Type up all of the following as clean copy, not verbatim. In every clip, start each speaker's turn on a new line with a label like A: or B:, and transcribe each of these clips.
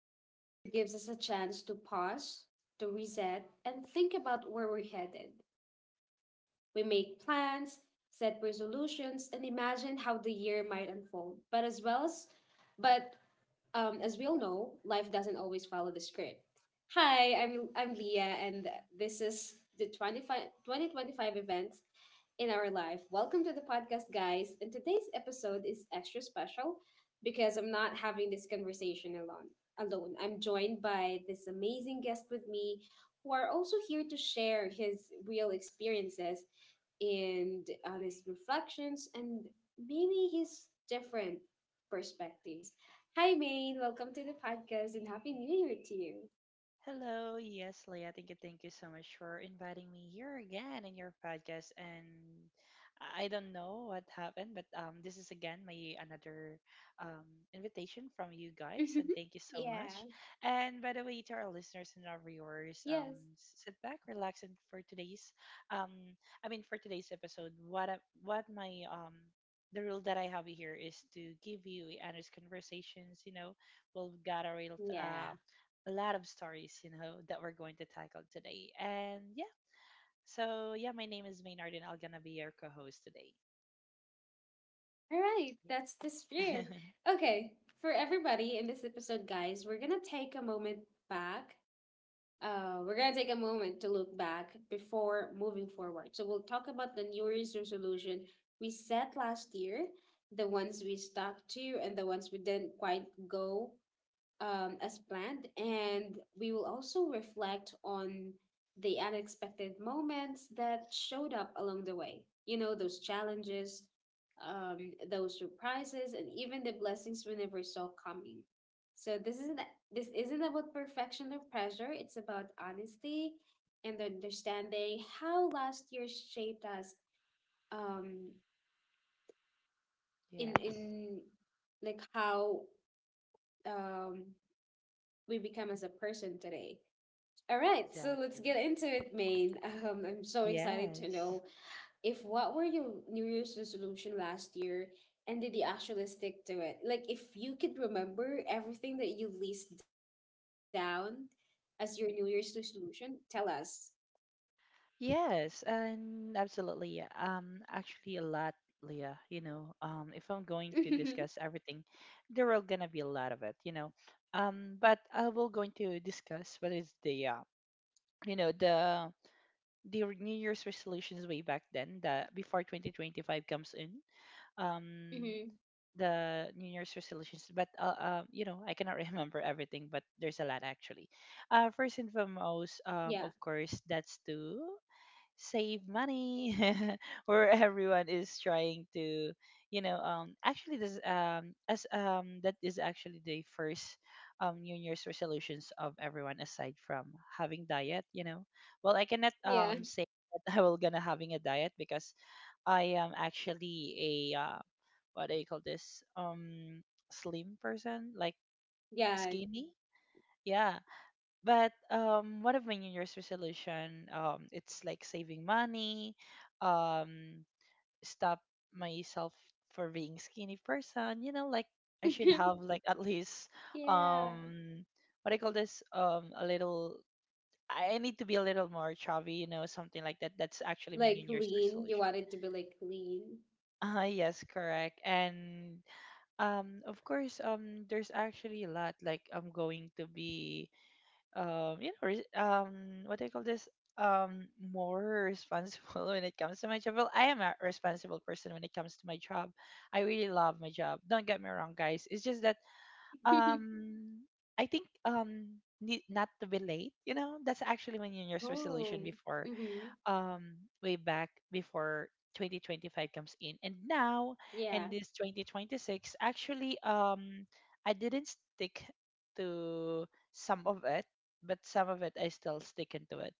A: Every new year gives us a chance to pause, to reset, and think about where we're headed. We make plans, set resolutions, and imagine how the year might unfold. But as well as, but As we all know, life doesn't always follow the script. Hi, I'm Leah, and this is the twenty five twenty twenty five 2025 event in our life. Welcome to the podcast, guys. And today's episode is extra special because I'm not having this conversation alone. Alone, I'm joined by this amazing guest with me, who are also here to share his real experiences and honest reflections, and maybe his different perspectives. Hi, Maine. Welcome to the podcast, and Happy New Year to you.
B: Hello, yes, Leah. Thank you so much for inviting me here again in your podcast. And I don't know what happened, but this is again my another um invitation from you guys,
A: Mhm.
B: and thank you so much.
A: Yeah.
B: And by the way, to our listeners and our
A: Yes.
B: viewers, sit back, relax, and for um, today's episode, what I- what my. The rule that I have here is to give you honest conversations. You know, we'll got a real
A: Yeah.
B: a lot of stories, you know, that we're going to tackle today. And yeah, my name is Maynard, and I'm gonna be your co-host today.
A: All right, that's the
B: Yeah.
A: spirit. Okay, for everybody in this episode, guys, we're gonna take a moment back. We're gonna take a moment to look back before moving forward. So we'll talk about the New Year's resolution we set last year, the ones we stuck to, and the ones we didn't quite go as planned, and we will also reflect on the unexpected moments that showed up along the way. You know, those challenges, those surprises, and even the blessings we never saw coming. So this isn't about perfection or pressure. It's about honesty and understanding how last year shaped us, um,
B: yes,
A: in like how um, we become as a person today. All right, so let's
B: exactly.
A: get into it, Maine. I'm so excited to
B: Yes.
A: know if what were your New Year's resolution last year, and did you actually stick to it? Like, if you could remember everything that you list down as your New Year's resolution, tell us.
B: Yes, and absolutely. Yeah. Actually, a lot, Leah. You know, if I'm going to discuss everything, there are gonna be a lot of it. You know, but I will going to discuss what is the you know, the New Year's resolutions way back then, the before 2025 comes in. um
A: Mm-hmm.
B: the new year's resolutions but you know I cannot remember everything but there's a lot actually. First and
A: Yeah,
B: foremost, of course that's to save money where everyone is trying to, you know. Actually this as That is actually the first new year's resolutions of everyone aside from having diet, you know. Well, I cannot
A: yeah,
B: say that I will gonna having a diet because I am actually a what do you call this slim person, like
A: yeah,
B: skinny. Yeah, but one of my new year's resolution, it's like saving money, um stop myself for being skinny person, you know, like I should have like at least,
A: yeah.
B: um what do you call this a little, I need to be a little more chubby, you know, something like that. That's actually my new
A: Like,
B: year's
A: lean, you
B: resolution.
A: wanted to be like lean.
B: Ah yes, correct. And Of course, there's actually a lot. Like, I'm going to be, you know, res- what do you call this? More responsible when it comes to my job. Well, I am a responsible person when it comes to my job. I really love my job. Don't get me wrong, guys. It's just that, um, I think, need not to be late. You know, that's actually my New Year's resolution
A: Oh,
B: before,
A: mm-hmm.
B: um way back before 2025 comes in, and now in
A: Yeah.
B: this 2026 actually I didn't stick to some of it, but some of it I still sticking to it.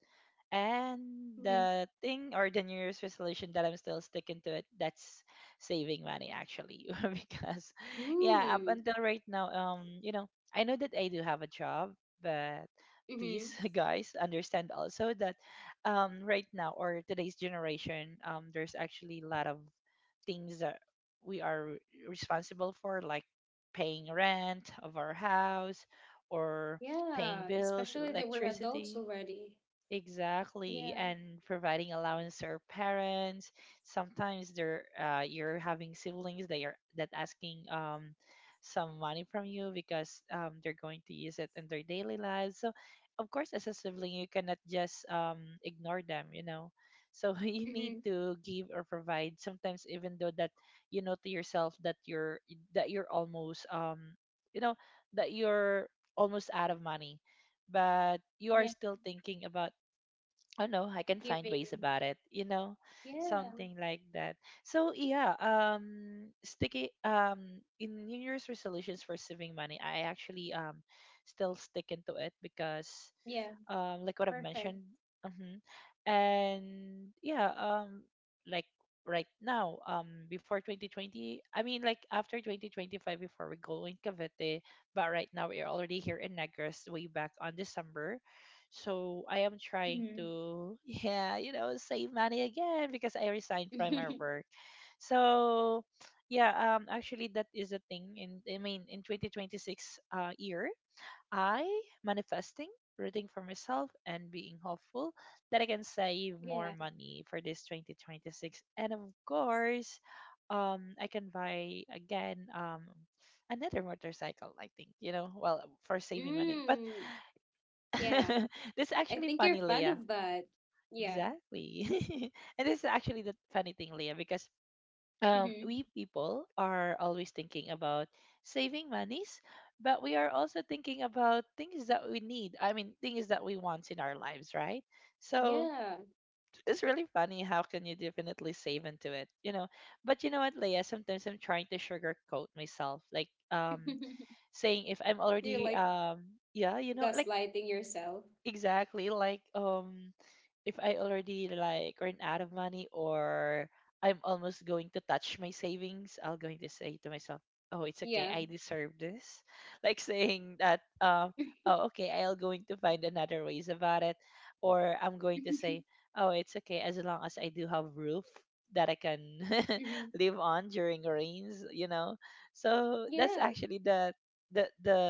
B: And
A: Mm-hmm.
B: the thing or the New Year's resolution that I'm still sticking to it, that's saving money actually. Because yeah, up
A: Mm-hmm.
B: until right now, you know, I know that I do have a job, but please guys understand also that right now or today's generation there's actually a lot of things that we are responsible for, like paying rent of our house or paying
A: Yeah,
B: bills,
A: especially that we're adults
B: electricity.
A: already.
B: Exactly,
A: Yeah.
B: and providing allowance to our parents. Sometimes they're you're having siblings that are that asking some money from you because they're going to use it in their daily lives. So of course, as a sibling, you cannot just ignore them, you know. So you need
A: Mm-hmm.
B: to give or provide. Sometimes, even though that you know to yourself that you're almost you know that you're almost out of money, but you are
A: Yeah,
B: still thinking about, oh no, I can find ways
A: giving.
B: about it, you know,
A: Yeah,
B: something like that. So yeah, sticky in new year's resolutions for saving money, I actually still stick into it because,
A: yeah,
B: like what I've
A: perfect.
B: mentioned. Hmm. And yeah, like right now, um, before 2020, I mean, like after 2025, before we go in Cavite, but right now we're already here in Negros, way back on December. So I am trying
A: Mm-hmm.
B: to, yeah, you know, save money again because I resigned from my work. So yeah, actually that is a thing in, I mean, in 2026 year, I manifesting, rooting for myself, and being hopeful that I can save more
A: yeah.
B: money for this 2026. And of course, I can buy again, another motorcycle, I think, you know, well, for saving money. But
A: Mm. Yeah,
B: this is
A: I
B: actually
A: think you're
B: funny,
A: fun
B: Leah.
A: of that. Yeah.
B: Exactly. And this is actually the funny thing, Leah, because
A: Mm-hmm.
B: we people are always thinking about saving monies, but we are also thinking about things that we need. I mean, things that we want in our lives, right? So
A: Yeah.
B: it's really funny. How can you definitely save into it, you know? But you know what, Leah? Sometimes I'm trying to sugarcoat myself, like saying if I'm
A: You're
B: already
A: like
B: yeah, you know, like
A: gaslighting yourself.
B: exactly, like if I already like run out of money, or I'm almost going to touch my savings, I'll going to say to
A: Yeah.
B: myself, "Oh, it's okay. I deserve this." Like saying that, "Oh, okay. I'll going to find another ways about it," or I'm going to say, "Oh, it's okay. As long as I do have roof that I can
A: hmm.
B: live on during rains, you know." So that's
A: Yeah.
B: actually the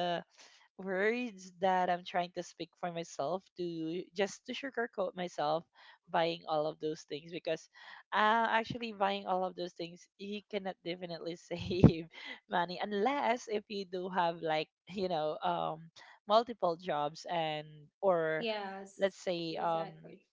B: words that I'm trying to speak for myself to just to sugarcoat myself buying all of those things, because actually buying all of those things you cannot definitely save money, unless if you do have like, you know, multiple jobs, and or
A: Yes,
B: let's say
A: exactly.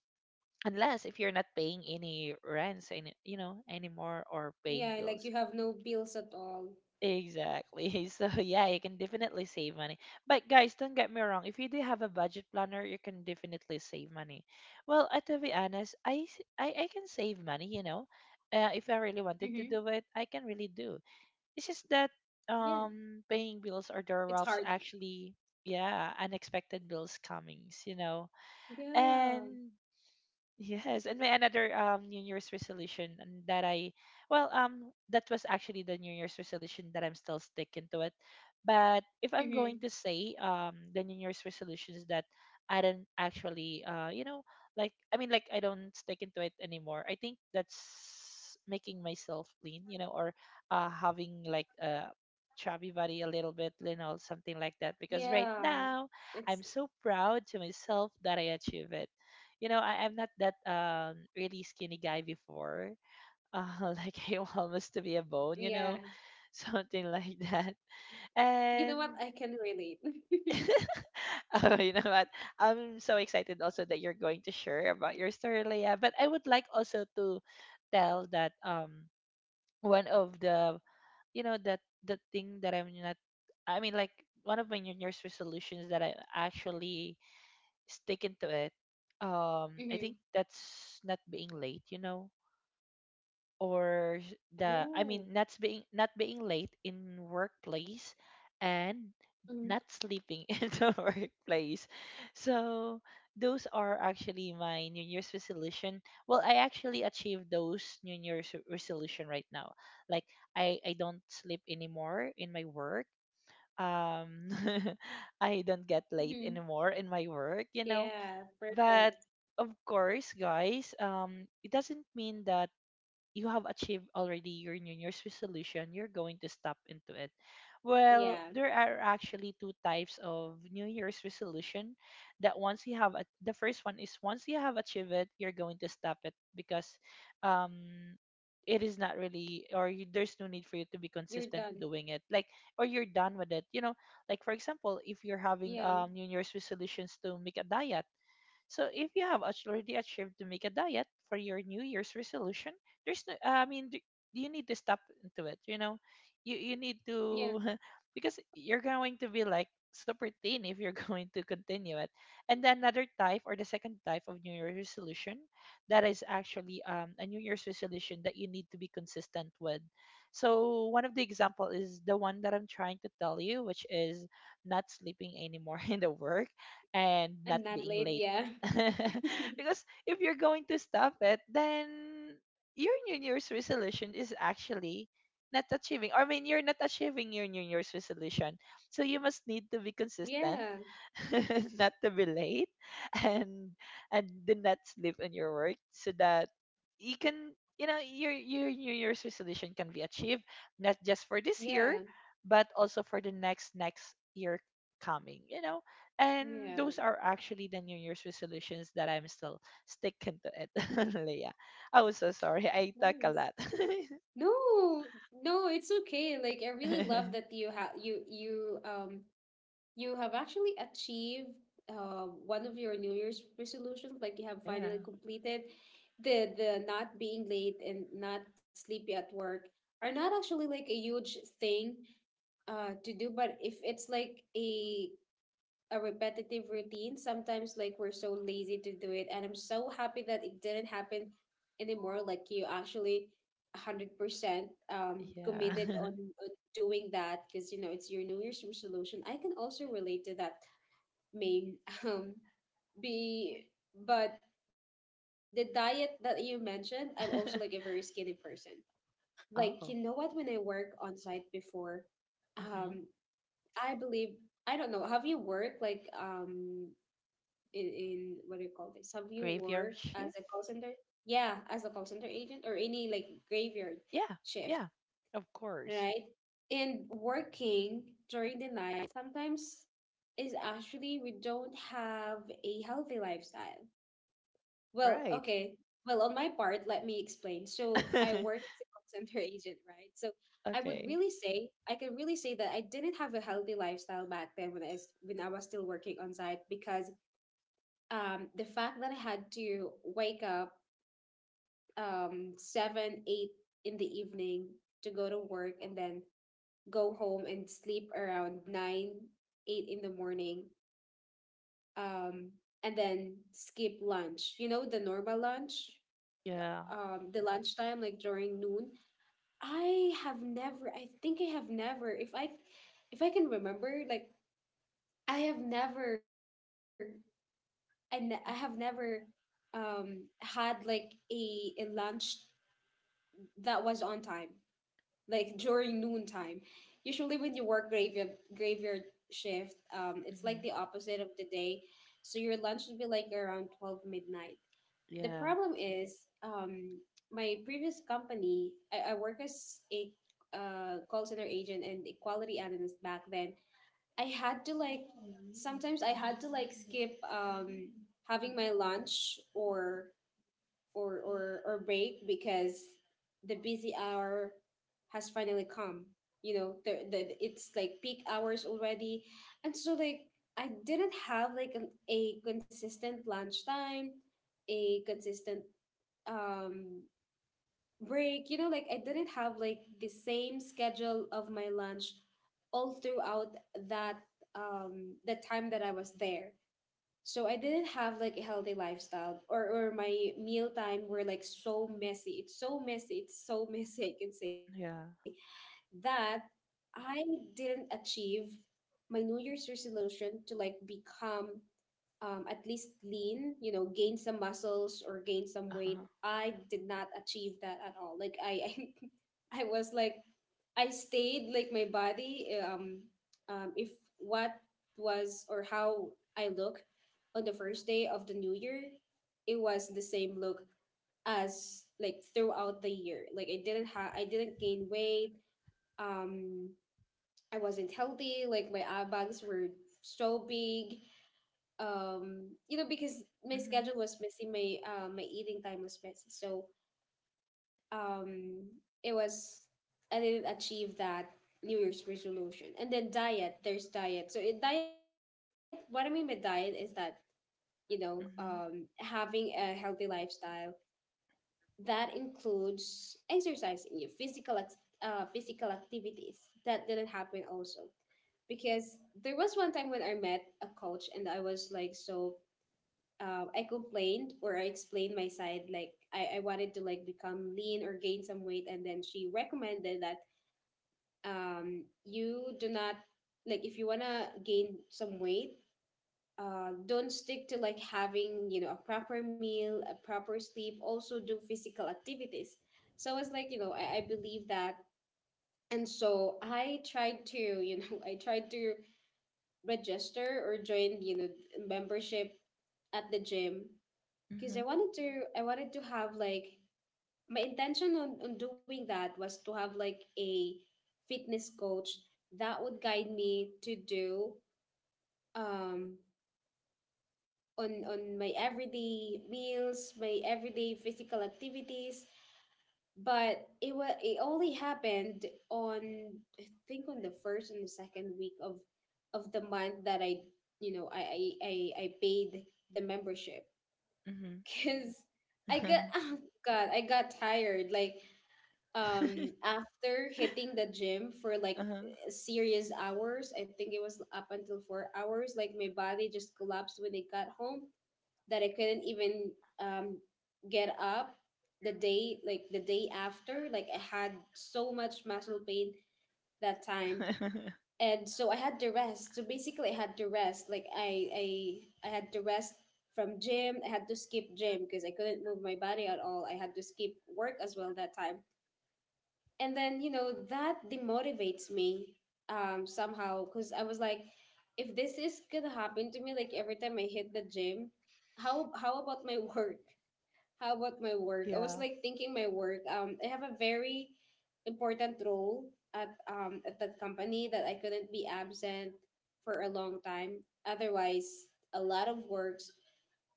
B: unless if you're not paying any rents and you know anymore, or paying
A: Yeah, like
B: bills.
A: you have no bills at all.
B: Exactly. So yeah, you can definitely save money. But guys, don't get me wrong. If you do have a budget planner, you can definitely save money. Well, to be honest, I, s- I can save money. You know, if I really wanted
A: Mm-hmm.
B: to do it, I can really do. It's just that
A: Yeah,
B: paying bills, or
A: it's
B: there
A: hard.
B: was actually, yeah, unexpected bills comings. You know,
A: Yeah.
B: and yes, and my another New Year's resolution, and that I well that was actually the New Year's resolution that I'm still sticking to it. But if I'm
A: Mm-hmm.
B: going to say the New Year's resolutions that I didn't actually you know, like I don't stick into it anymore, I think that's making myself lean, you know, or having like a chubby body a little bit, you know, something like that. Because right
A: Yeah.
B: now I'm
A: It's
B: so proud to myself that I achieve it, you know. I'm not that really skinny guy before. Like I almost to be a bone, you know,
A: yeah.
B: something like that.
A: You know what?
B: And
A: I can relate.
B: oh, you know what? I'm so excited also that you're going to share about your story, Leia. But I would like also to tell that one of the, you know, that the thing that I'm not I mean like one of my New Year's resolutions that I actually stick into it. I
A: mm-hmm.
B: think that's not being late, you know, or sh-
A: Oh.
B: the I mean not being late in workplace, and
A: Mm-hmm.
B: not sleeping in the workplace. So those are actually my New Year's resolution. Well, I actually achieved those resolution right now. Like, I don't sleep anymore in my work. Um, I don't get late
A: Mm-hmm.
B: anymore in my work. You know,
A: Yeah,
B: but
A: perfect.
B: of course, guys, it doesn't mean that you have achieved already your new year's resolution, you're going to stop into it. Well,
A: Yeah.
B: there are actually two types of new year's resolution, that once you have a, the first one is once you have achieved it you're going to stop it because um it is not really,
A: You're
B: there's no need
A: done.
B: for you to be consistent doing it, like or you're done with it, you know. Like for example, if you're
A: Yeah.
B: having new year's resolutions to make a diet, so if you have already achieved to make a diet for your New Year's resolution, there's no, you need to stop into it. You know, you need
A: Yeah.
B: to because you're going to be like super thin if you're going to continue it. And then another type or the second type of New Year's resolution, that is actually a New Year's resolution that you need to be consistent with. So one of the example is the one that I'm trying to tell you, which is not sleeping anymore in the work, and not
A: And not
B: being
A: late.
B: late,
A: Yeah.
B: because if you're going to stop it, then your New Year's resolution is actually not achieving. I mean, you're not achieving your New Year's resolution. So you must need to be
A: Yeah.
B: consistent not to be late. and and do not sleep on your work so that you can your new year's resolution can be achieved, not just for this
A: Yeah.
B: year but also for the next year coming, you know. And
A: Yeah.
B: those are actually the new year's resolutions that I'm still sticking to it. Leah, I was so sorry I talk a
A: Nice.
B: lot.
A: No, no, it's okay. Like, I really love that you You have actually achieved one of your New Year's resolutions. Like, you have
B: Yeah,
A: finally completed the not being late and not sleepy at work are not actually like a huge thing to do, but if it's like a repetitive routine. Sometimes, like, we're so lazy to do it. And I'm so happy that it didn't happen anymore. Like, you actually 100%
B: yeah.
A: committed on doing that because, you know, it's your New Year's resolution. I can also relate to that, main. um, be, but the diet that you mentioned, I'm also like a very skinny person. Like, you know what? When
B: Oh,
A: I work on site before, um,
B: mhm.
A: I believe I don't know. Have you worked like in what do you call this? Have you
B: Graveyard
A: worked as
B: shift.
A: a call center? Yeah, as a call center agent or any like graveyard
B: Yeah,
A: shift,
B: yeah, of course.
A: right? And working during the night sometimes is actually we don't have a healthy lifestyle. Well,
B: Right.
A: okay. Well, on my part, let me explain. So I work as a call center agent, right? So I would
B: Okay.
A: really say I can really say that I didn't have a healthy lifestyle back then when when I was still working on site because, the fact that I had to wake up seven, eight in the evening to go to work, and then go home and sleep around nine, eight in the morning, um, and then skip lunch. You know, the normal lunch,
B: Yeah.
A: the lunchtime, like during noon. I think I have never, if I can remember, like I have never, I have never had like a lunch that was on time, like during noontime. Usually, when you work graveyard shift, it's
B: Hmm.
A: like the opposite of the day, so your lunch would be like around 12 midnight. The
B: Yeah.
A: problem is, my previous company, I work as a call center agent and a quality analyst back then. I had to like sometimes I had to like skip having my lunch or, or, or break because the busy hour has finally come. You know, it's like peak hours already. And so, like, I didn't have like a consistent lunchtime, a consistent um, break. You know, like, I didn't have like the same schedule of my lunch all throughout that the time that I was there. So I didn't have like a healthy lifestyle, or my meal time were like so messy. It's so messy. It's so messy, I can say
B: Yeah.
A: that I didn't achieve my New Year's resolution to like become, at least lean, you know, gain some muscles or gain some weight.
B: Uh-huh.
A: I did not achieve that at all. Like I, I was like, I stayed like my body. If what was or how I look on the first day of the new year, it was the same look as like throughout the year. I didn't gain weight. Um, I wasn't healthy. Like my eye bags were so big, you know, because my
B: Mhm.
A: schedule was messy, my eating time was messy, so um it was I didn't achieve that new year's resolution. And then diet, there's diet. So in diet, what I mean by diet is that, you know,
B: Mhm.
A: having a healthy lifestyle that includes exercising your physical activities. That didn't happen also because there was one time when I met a coach, and I was like so I complained or I explained my side, like I wanted to like become lean or gain some weight, and then she recommended that, you do not like if you wanna gain some weight, don't stick to like having, you know, a proper meal, a proper sleep. Also do physical activities. So I was like, you know, I believe that, and so I tried to, you know, I tried to register or join, you know, membership at the gym, because
B: Mhm.
A: I wanted to have like my intention on doing that was to have like a fitness coach that would guide me to do um on my everyday meals, my everyday physical activities. But it only happened on I think on the first and the second week of the month that I, you know, I paid the membership.
B: Mhm.
A: because I got, oh god, I got tired. Like, after hitting the gym for like
B: Uh-huh.
A: serious hours, I think it was up until 4 hours. Like my body just collapsed when I got home, that I couldn't even um get up the day like the day after. Like I had so much muscle pain that time, and so I had to rest. So basically, I had to rest. Like I had to rest from gym. I had to skip gym because I couldn't move my body at all. I had to skip work as well that time. And then, you know, that demotivates me, somehow, because I was like, if this is gonna happen to me, like every time I hit the gym, how about my work? How about my
B: Yeah.
A: work? I was like thinking my work. I have a very important role at that company that I couldn't be absent for a long time. Otherwise, a lot of works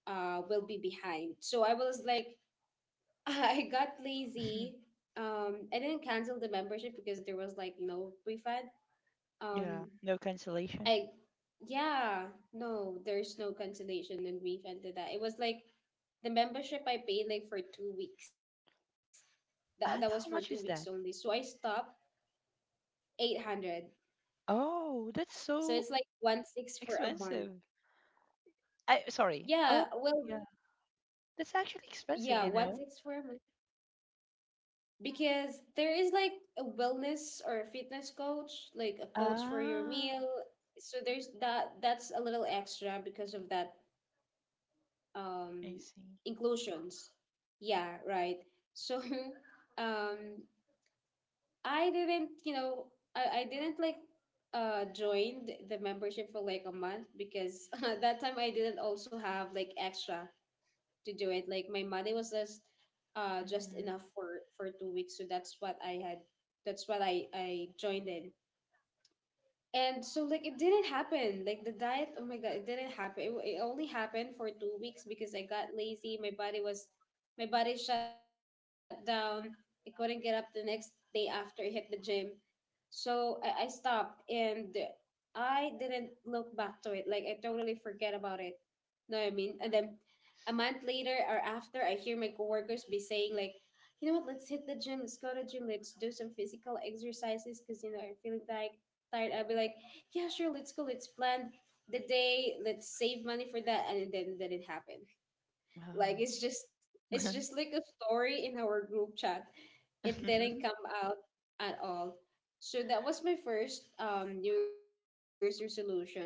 A: will be behind. So I was like, I got lazy. I didn't cancel the membership because there was like no refund.
B: Yeah.
A: Um,
B: No cancellation.
A: I yeah, no, there's no cancellation and refund to that. It was like the membership I paid like for 2 weeks. That was for two
B: And
A: weeks
B: how
A: only.
B: much
A: So
B: is
A: I
B: that?
A: stopped 800.
B: Oh, that's
A: So
B: so
A: it's like one six for a
B: expensive.
A: month.
B: I sorry. Oh,
A: Yeah, well
B: yeah. That's actually expensive,
A: yeah,
B: you
A: one
B: know.
A: six for a month. Because there is like a wellness or a fitness coach, like a coach for your
B: Ah,
A: meal. So there's that. That's a little extra because of that,
B: I
A: um,
B: see.
A: inclusions. Yeah, right. So, um, I didn't, you know, I didn't like join the membership for like a month, because at that time I didn't also have like extra to do it. Like my money was just
B: Mhm.
A: enough for 2 weeks, so that's what I had. That's what I joined in, and so like it didn't happen. Like the diet, oh my god, it didn't happen. It only happened for 2 weeks because I got lazy. My body shut down. I couldn't get up the next day after I hit the gym. So I stopped and I didn't look back to it. Like I totally forget about it. Know what I mean? And then a month later or after, I hear my coworkers be saying like, you know what? Let's hit the gym. Let's go to gym. Let's do some physical exercises because you know I'm feeling tired. Tired. I'll be like, yeah, sure. Let's go. Let's plan the day. Let's save money for that. And then it happened. Like it's just it's just like a story in our group chat.
B: Oh.
A: It didn't come out at all. So that was my first New Year's resolution,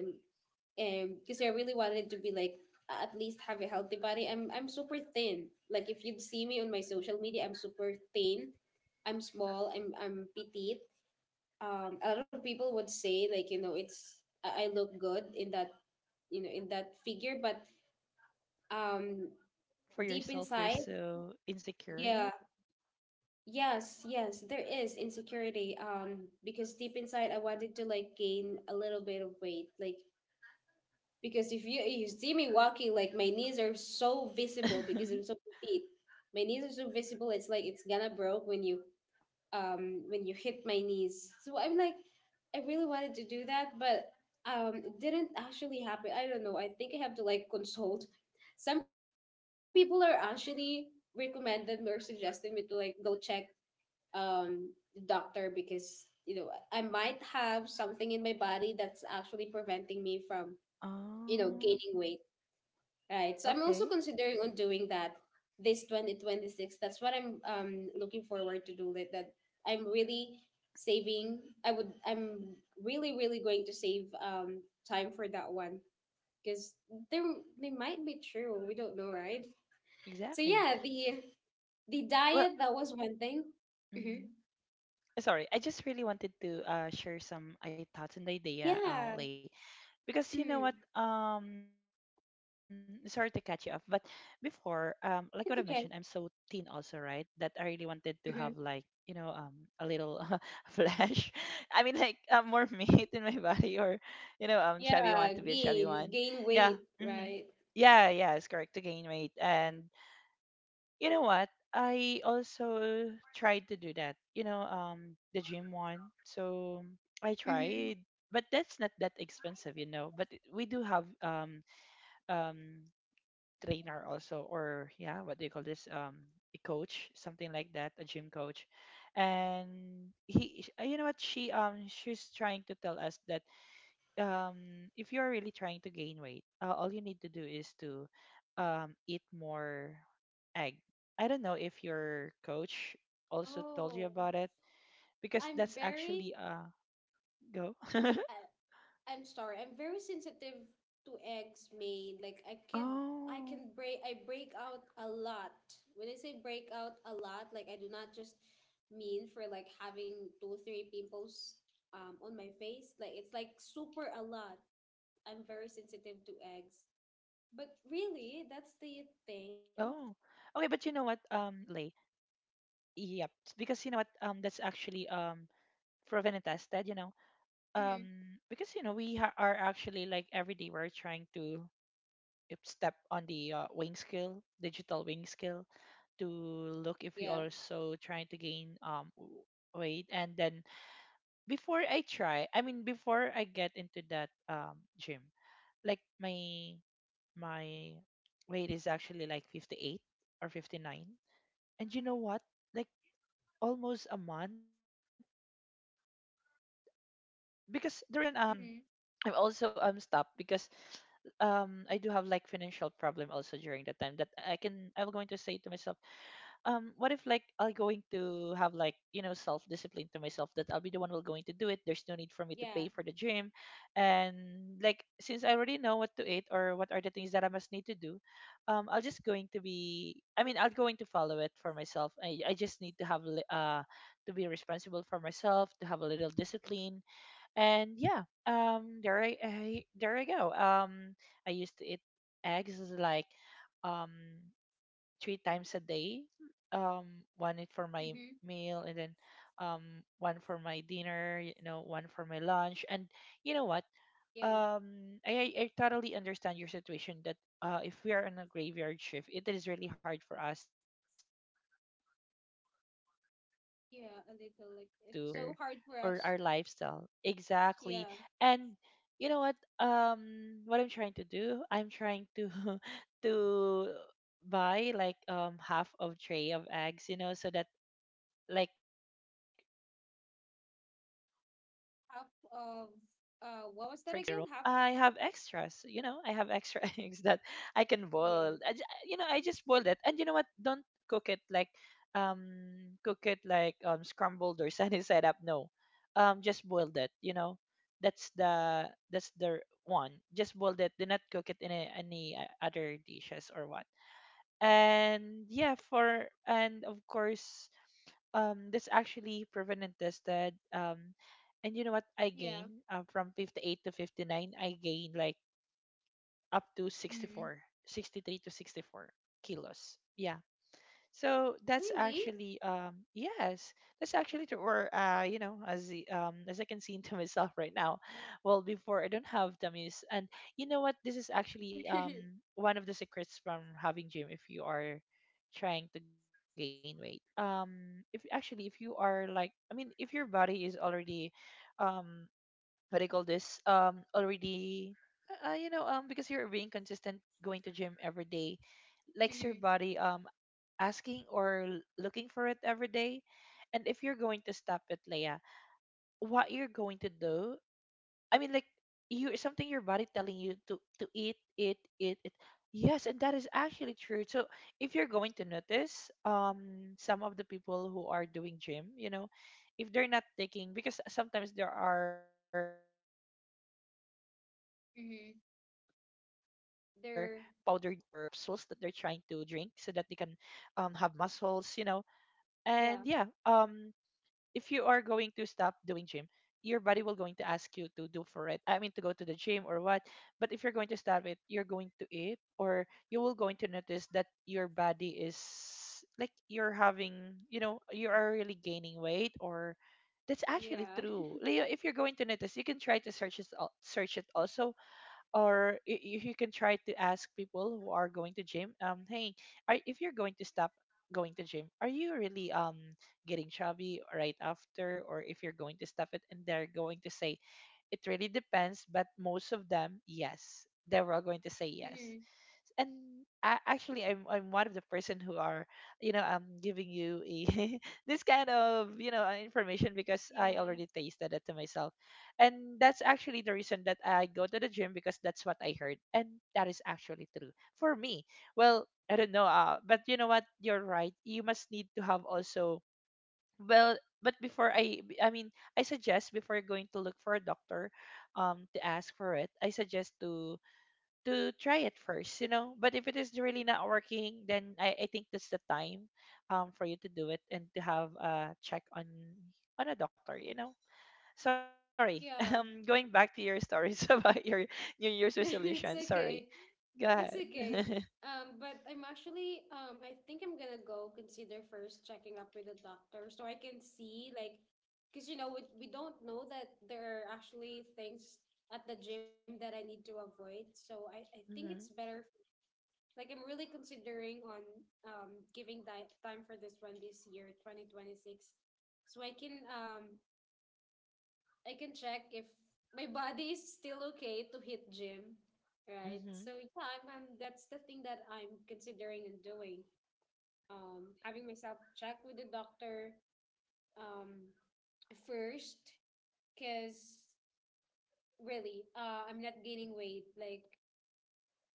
A: because I really wanted to be like at least have a healthy body. I'm super thin. Like if you'd see me on my social media, I'm super thin. I'm small. I'm petite. A lot of people would say like you know it's I look good in that, you know, in that figure, but um
B: For
A: deep
B: yourself you're
A: inside,
B: so insecure
A: yeah,
B: in
A: yes, there is insecurity. Because deep inside, I wanted to like gain a little bit of weight, like because if you see me walking, like my knees are so
B: it?
A: visible because I'm so petite. My knees are so visible. It's like it's gonna broke when you hit my knees. So I'm like, I really wanted to do that, but it didn't actually happen. I don't know. I think I have to like consult. Some people are actually recommended or suggested me to like go check um the doctor because you know I might have something in my body that's actually preventing me from, you know,
B: Oh,
A: gaining weight. Right. So I'm also
B: okay.
A: considering on doing that this 2026. That's what I'm looking forward to do, that I'm really saving. I'm really really going to save time for that one because they they might be true. We don't know, right? So
B: Exactly.
A: yeah, the
B: Well,
A: diet, that was one thing. Hmm.
B: mhm. Sorry, I just really wanted to share some thoughts and idea,
A: Yeah.
B: Lay. Because you know what,
A: Mm.
B: sorry to catch you off, but before, like what I've mentioned, I'm so
A: It's okay.
B: teen also, right? That I really wanted to have like,
A: Hmm.
B: you know, a little flesh, I mean like, more meat in my body, or you know, chubby one, to
A: Yeah,
B: be a chubby
A: gain
B: one.
A: gain
B: Yeah.
A: weight,
B: Hmm.
A: right?
B: Yeah, yeah, it's correct to gain weight. And you know what? I also tried to do that, you know, the gym one. So I
A: Hmm.
B: tried, but that's not that expensive, you know. But we do have um trainer also, or yeah, what do you call this? A coach, something like that, a gym coach. And you know what, she, she's trying to tell us that um if you're really trying to gain weight, all you need to do is to eat more egg. I don't know if your coach also told you
A: Oh,
B: about it, because
A: I'm
B: that's
A: very.
B: actually uh, go.
A: I'm sorry. I'm very sensitive to eggs made. Like I could, I
B: Oh.
A: can break, I break out a lot. When I say break out a lot, like I do not just mean for like having 2 3 pimples on my face. Like it's like super a lot. I'm very sensitive to eggs.
B: Oh, okay.
A: But
B: But you know what,
A: really, that's the
B: Lay,
A: thing.
B: yep, because you know what, that's actually proven and tested, you know, um because you
A: Mm-hmm.
B: know we are actually, like every day we're trying to if step on the weighing scale, digital weighing scale, to look if we
A: Yeah.
B: also trying to gain weight. And then before I try, I mean, before I get into that gym, like my weight is actually like 58 or 59. And you know what? Like almost a month, because the reason I'm
A: Mm-hmm.
B: also stopped, because I do have like financial problem also during that time, that I can I will going to say to myself what if like I'll going to have like, you know, self discipline to myself, that I'll be the one will going to do it, there's no need for me to pay for the
A: Yeah.
B: gym. And like since I already know what to eat or what are the things that I must need to do, I'll just going to be, I mean I'll going to follow it for myself. I just need to have to be responsible for myself, to have a little discipline. And yeah, there I there I go, um, I used to eat eggs is like, um, three times a day, um,
A: Mm-hmm.
B: one it for my meal, and then um one for my dinner, you know, one for my lunch. And you know what,
A: Yeah,
B: um, I totally understand your situation that if we are on a graveyard shift, it is really hard for us to you know to balance
A: yeah, a
B: our
A: little. Like
B: diets
A: it's so
B: or
A: hard for us.
B: our lifestyle, exactly.
A: Yeah,
B: And you know what, what I'm trying to do, I'm trying to to buy like half of tray of eggs, you know, so that like for example if it is my day off and like I cannot
A: half
B: get out
A: of
B: anymore from my
A: what
B: room,
A: was that again? Half.
B: I have extras, you know, I have extra eggs that I can
A: Yeah.
B: boil. You know, I just boiled it. And you know what? Don't cook it like um scrambled or sunny side up. No. Just boiled it, you know. That's the one. Just boiled it. Do not cook it in a, any other dishes or what. And yeah, for, and of course, that's actually proven and tested, um, and you know what,
A: Yeah.
B: I gain from 58 to 59 I gain like up to
A: Mm-hmm.
B: 64, 63 to 64 kilos, yeah. So that's
A: Really?
B: actually yes, that's actually true. Or you know, as the as I can see into myself right now. Well, before I don't have dummies, and you know what, this is actually one of the secrets from having gym if you are trying to gain weight. If actually if you are like, I mean, if your body is already, um, what do you call this? Already. You know, because you're being consistent, going to gym every day, likes your
A: Mm-hmm.
B: body. Asking or looking for it every day. And if you're going to stop it, Leia, what you're going to do, I mean, like, you something your body telling you to eat, eat, eat, eat. Yes, and that is actually true. So if you're going to notice, some of the people who are doing gym, you know, if they're not taking, because sometimes there are powdered milk or capsules that they're
A: Mm-hmm.
B: trying to drink so that they can
A: They're
B: have muscles, you know. And yeah, um, if
A: yeah.
B: you are going to stop doing gym, your body will going to ask you to do for it, I mean to go to the gym or what. But if you're going to stop it, you're going to eat, or you will going to notice that your body is like you're having, you know, you are really gaining weight. Or that's actually
A: Yeah.
B: true, Leo, if you're going to notice, you can try to search it search it also, or if you can try to ask people who are going to gym, um, hey, are, if you're going to stop going to gym, are you really getting chubby right after, or if you're going to stop it, and they're going to say it really depends, but most of them yes, they were all going to say yes.
A: Mm-hmm.
B: And actually I'm one of the person who are, you know, I'm giving you a this kind of, you know, information, because I
A: Yeah.
B: already tasted it to myself. And that's actually the reason that I go to the gym, because that's what I heard, and that is actually true for me. Well, I don't know, but you know what, you're right, you must need to have also. Well, but before I mean, I suggest before going to look for a doctor to ask for it, I suggest to try it first, you know. But if it is really not working, then I think that's the time for you to do it and to have a check on a doctor, you know. Sorry.
A: Yeah.
B: Going back to your stories about your New Year's
A: No, it's
B: resolution.
A: okay.
B: Sorry. Go
A: It's
B: ahead.
A: okay. But I'm actually I think I'm gonna go consider first checking up with the doctor so I can see like because you know we don't know that there are actually things at the gym that I need to avoid. So I think it's better.
B: Mm-hmm.
A: Like I'm really considering on giving time for this one this year, 2026, so I can check if my body is still okay to hit gym, right?
B: Mm-hmm.
A: So yeah, I'm, that's the thing that I'm considering and doing. Having myself check with the doctor um first, cause really I'm not gaining weight. Like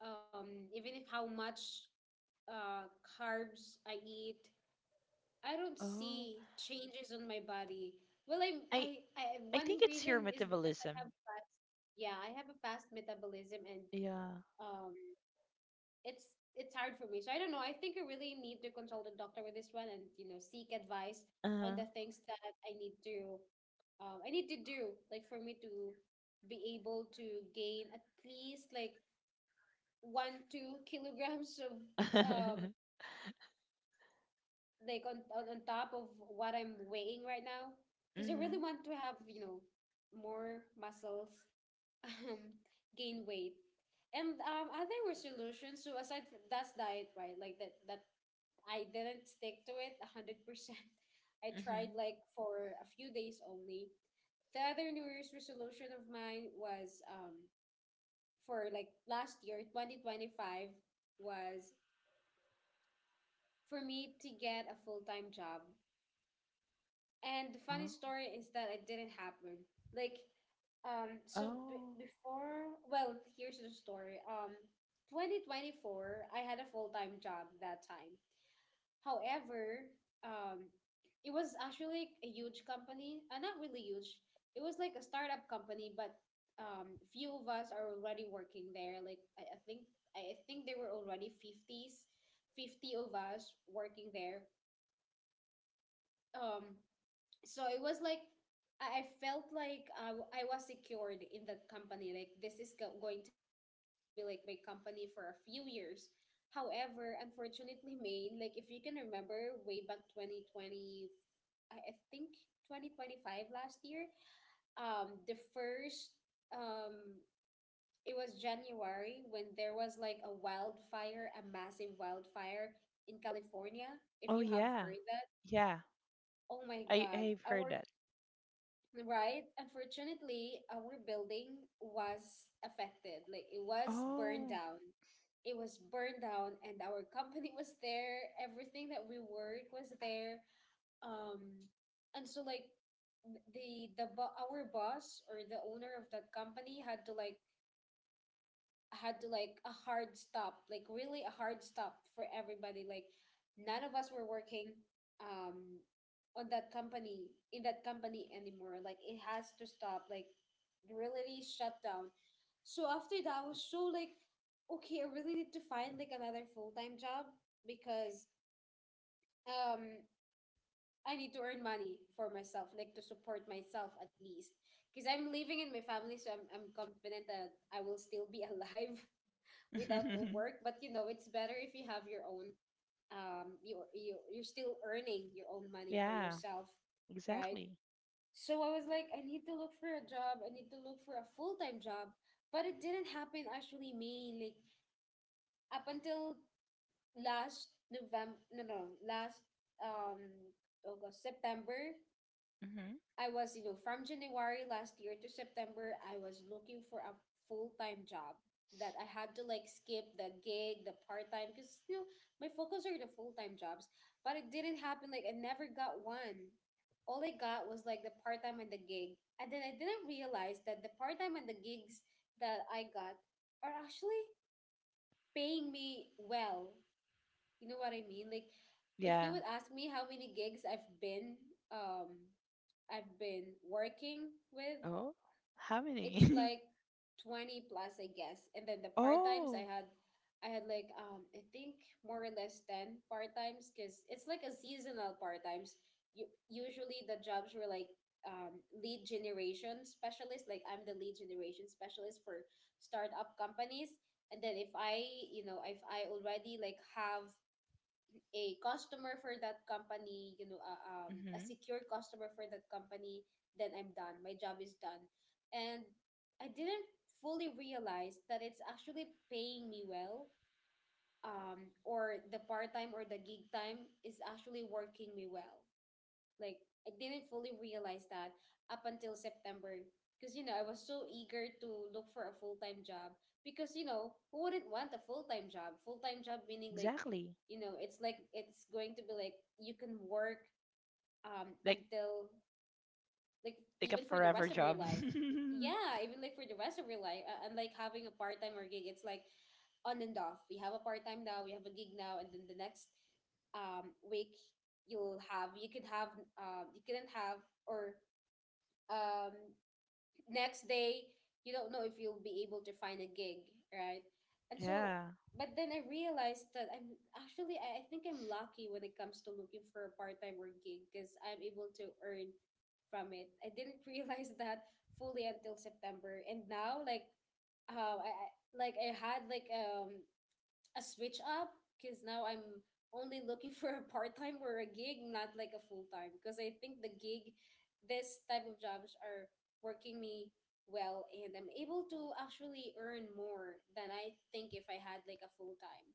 A: even if how much carbs I eat, I don't see
B: Oh.
A: changes on my body. Well,
B: I
A: I one
B: I think
A: reason
B: it's your
A: is because I have
B: metabolism.
A: fast. Yeah, I have a fast metabolism, and
B: Yeah.
A: um, it's hard for me. So I don't know. I think I really need to consult a doctor with this one, and you know, seek advice on the
B: Uh-huh.
A: things that I need to, I need to do, like for me to be able to gain at least like 1 2 kilograms of um like on on top of what I'm weighing right now because I really
B: Mm-hmm.
A: want to have, you know, more muscles, um, gain weight. And other were solutions. So aside from that's diet, right? Like that I didn't stick to it 100%. I tried
B: Mm-hmm.
A: like for a few days only. The other New Year's resolution of mine was for like last year, 2025, was for me to get a full-time job. And the funny
B: Oh.
A: story is that it didn't happen. Like, so b
B: Oh.
A: before, well, here's the story. 2024, I had a full-time job that time. However, um, it was actually a huge company, not really huge. It was like a startup company, but few of us are already working there. Like, I think I think there were already 50s, 50 of us working there. Um, so it was like I felt like I was secured in that company. Like this is going to be like my company for a few years. However, unfortunately, Maine, like if you can remember way back 2020, I think 2025 last year, the first, um, it was January when there was like a wildfire, a massive wildfire in California. If
B: Oh
A: you have
B: yeah.
A: heard that,
B: Yeah.
A: oh my God,
B: I've heard
A: our
B: that.
A: Right. Unfortunately, our building was affected. Like it was burned
B: Oh.
A: down. It was burned down, and our company was there. Everything that we work was there. Um, and so like our boss or the owner of that company had to like had like a hard stop, like really a hard stop for everybody. Like none of us were working um on that company, in that company anymore. Like it has to stop. Like really really shut down. So after that, I was so like, okay, I really need to find like another full time job because um I need to earn money for myself, like to support myself at least. Because I'm living in my family, so I'm confident that I will still be alive without a work, but you know it's better if you have your own, you, you're still earning your own money for
B: Yeah,
A: yourself, right?
B: exactly.
A: So I was like, I need to look for a job, I need to look for a full-time job, but it didn't happen actually me, like up until last november, no no last um august, september.
B: Hmm.
A: I was, you know, from January last year to September, I was looking for a full-time job, that I had to like skip the gig, the part-time, because you know, my focus are the full-time jobs. But it didn't happen. Like I never got one. All I got was like the part-time and the gig. And then I didn't realize that the part-time and the gigs that I got are actually paying me well. You know what I mean? Like if
B: Yeah.
A: you would ask me how many gigs um I've been working with,
B: Oh, how
A: it's
B: many?
A: like 20 plus, I guess. And then the part-times I
B: Oh,
A: had, I had like I think more or less 10 part-times cuz it's like a seasonal part-times. You, usually the jobs were like lead generation specialist, like I'm the lead generation specialist for startup companies. And then if you know, if I already like have a customer for that company, you know, a
B: hmm,
A: secure customer for that company, then I'm done. My job is done. And I didn't fully realize that it's actually paying me well, or the part time or the gig time is actually working me well. Like I didn't fully realize that up until September because you know I was so eager to look for a full-time job because you know who wouldn't want a full-time job? Full-time job meaning like
B: exactly.
A: you know it's like it's going to be like you can work
B: Like,
A: until like
B: take a
A: even for the
B: forever
A: rest of your
B: job.
A: life. Yeah, even like for the rest of your life, unlike having a part time or gig, it's like on and off. We have a part time now, we have a gig now, and then the next week you'll have you could have you couldn't have or um next day you don't know if you'll be able to find a gig, right. and so
B: Yeah.
A: But then I realized that I think I'm lucky when it comes to looking for a part-time or gig because I'm able to earn from it. I didn't realize that fully until September. And now, like, like I had like a switch up because now I'm only looking for a part time or a gig, not like a full time. Because I think the gig, this type of jobs are working me well, and I'm able to actually earn more than I think if I had like a full time.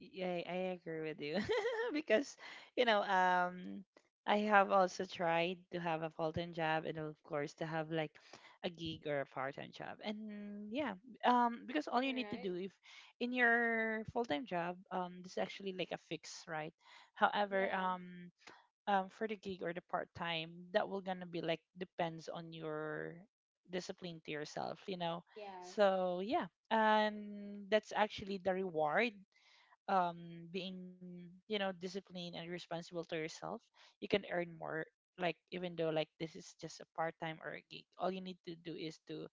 B: Yeah, I agree with you because you know I have also tried to have a full-time job and of course to have like a gig or a part-time job. And yeah, um, because all you
A: You're
B: need to
A: right.
B: do if in your full-time job this is actually like a fix, right? However,
A: Yeah.
B: um for the gig or the part-time, that will gonna be like depends on your discipline to yourself, you know.
A: Yes.
B: So yeah, and that's actually the reward, um, being, you know, disciplined and responsible to yourself, you can earn more, like even though like this is just a part-time or a gig, all you need to do is to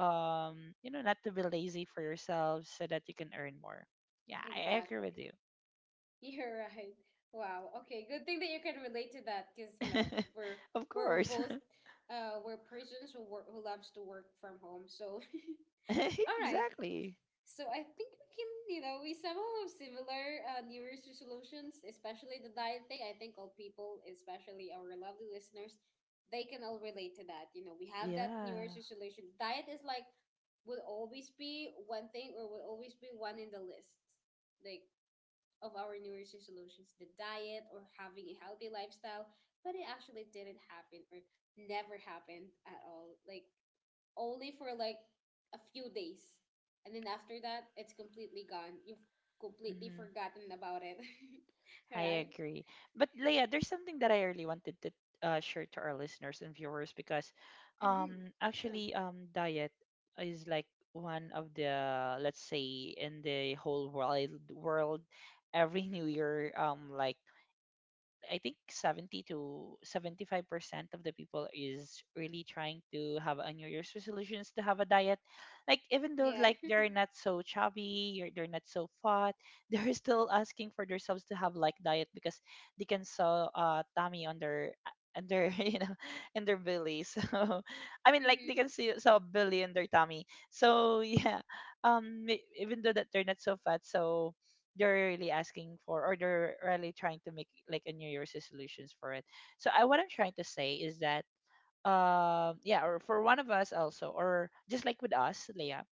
B: you know not to be lazy for yourself so that you can earn more. Yeah, I agree with
A: Exactly.
B: you.
A: You're right. Wow. Okay. Good thing that you can relate to that because you know we're
B: Of
A: we're we're
B: course.
A: both we're persons who work, who loves to work from home. So All right.
B: Exactly.
A: So I think we can, you know, we somehow have similar New Year's resolutions, especially the diet thing. I think all people, especially our lovely listeners, they can all relate to that. You know, we have that New
B: Yeah,
A: Year's resolution. Diet is like will always be one thing, or will always be one in the list, like, of our New Year's resolutions, the diet or having a healthy lifestyle. But it actually didn't happen or never happened at all. Like only for like a few days. And then after that, it's completely gone. You've completely forgotten about it.
B: I
A: Right?
B: agree. But Leia, there's something that I really wanted to share to our listeners and viewers, because
A: Mm-hmm. Sure.
B: actually diet is like one of the, let's say, in the whole world every new year, um, like I think 70 to 75% of the people is really trying to have a New Year's resolutions to have a diet. Like, even though,
A: Yeah.
B: like, they're not so chubby, or they're not so fat, they're still asking for themselves to have, like, diet because they can saw tummy on their, you know, in their belly. So, I mean, like, they can
A: Mm-hmm.
B: see saw belly in their tummy. So, yeah, even though that they're not so fat, so they're really asking for or they're really trying to make like a new year's resolutions for it. So what I'm trying to say is that yeah, or for one of us also, or just like with us, Leah,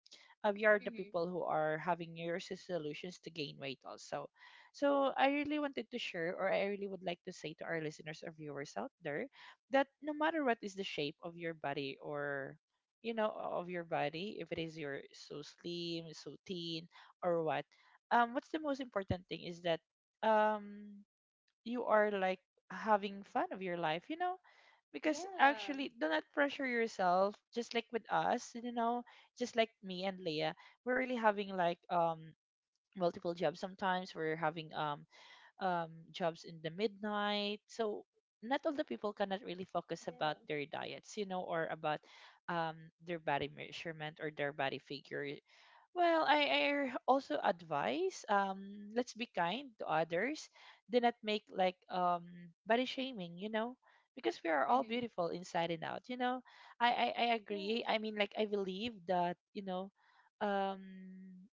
B: we are the
A: Mm-hmm.
B: people who are having new year's resolutions to gain weight also. So I really wanted to share, or I really would like to say to our listeners or viewers out there, that no matter what is the shape of your body, or of your body, if it is you're so slim, so thin, or what, what's the most important thing is that um you are, like, having fun of your life. Because
A: Yeah.
B: actually, do not pressure yourself, just like with us, you know, just like me and Leah. We're really having like, multiple jobs. Sometimes we're having jobs in the midnight. So not all the people cannot really
A: Yeah.
B: focus about their diets, you know, or about um, their body measurement or their body figure. Well, I also advise, let's be kind to others. Do not make like, body shaming, you know, because we are all
A: Mm-hmm.
B: beautiful inside and out. You know, I agree.
A: Yeah.
B: I mean, like, I believe that, you know, um,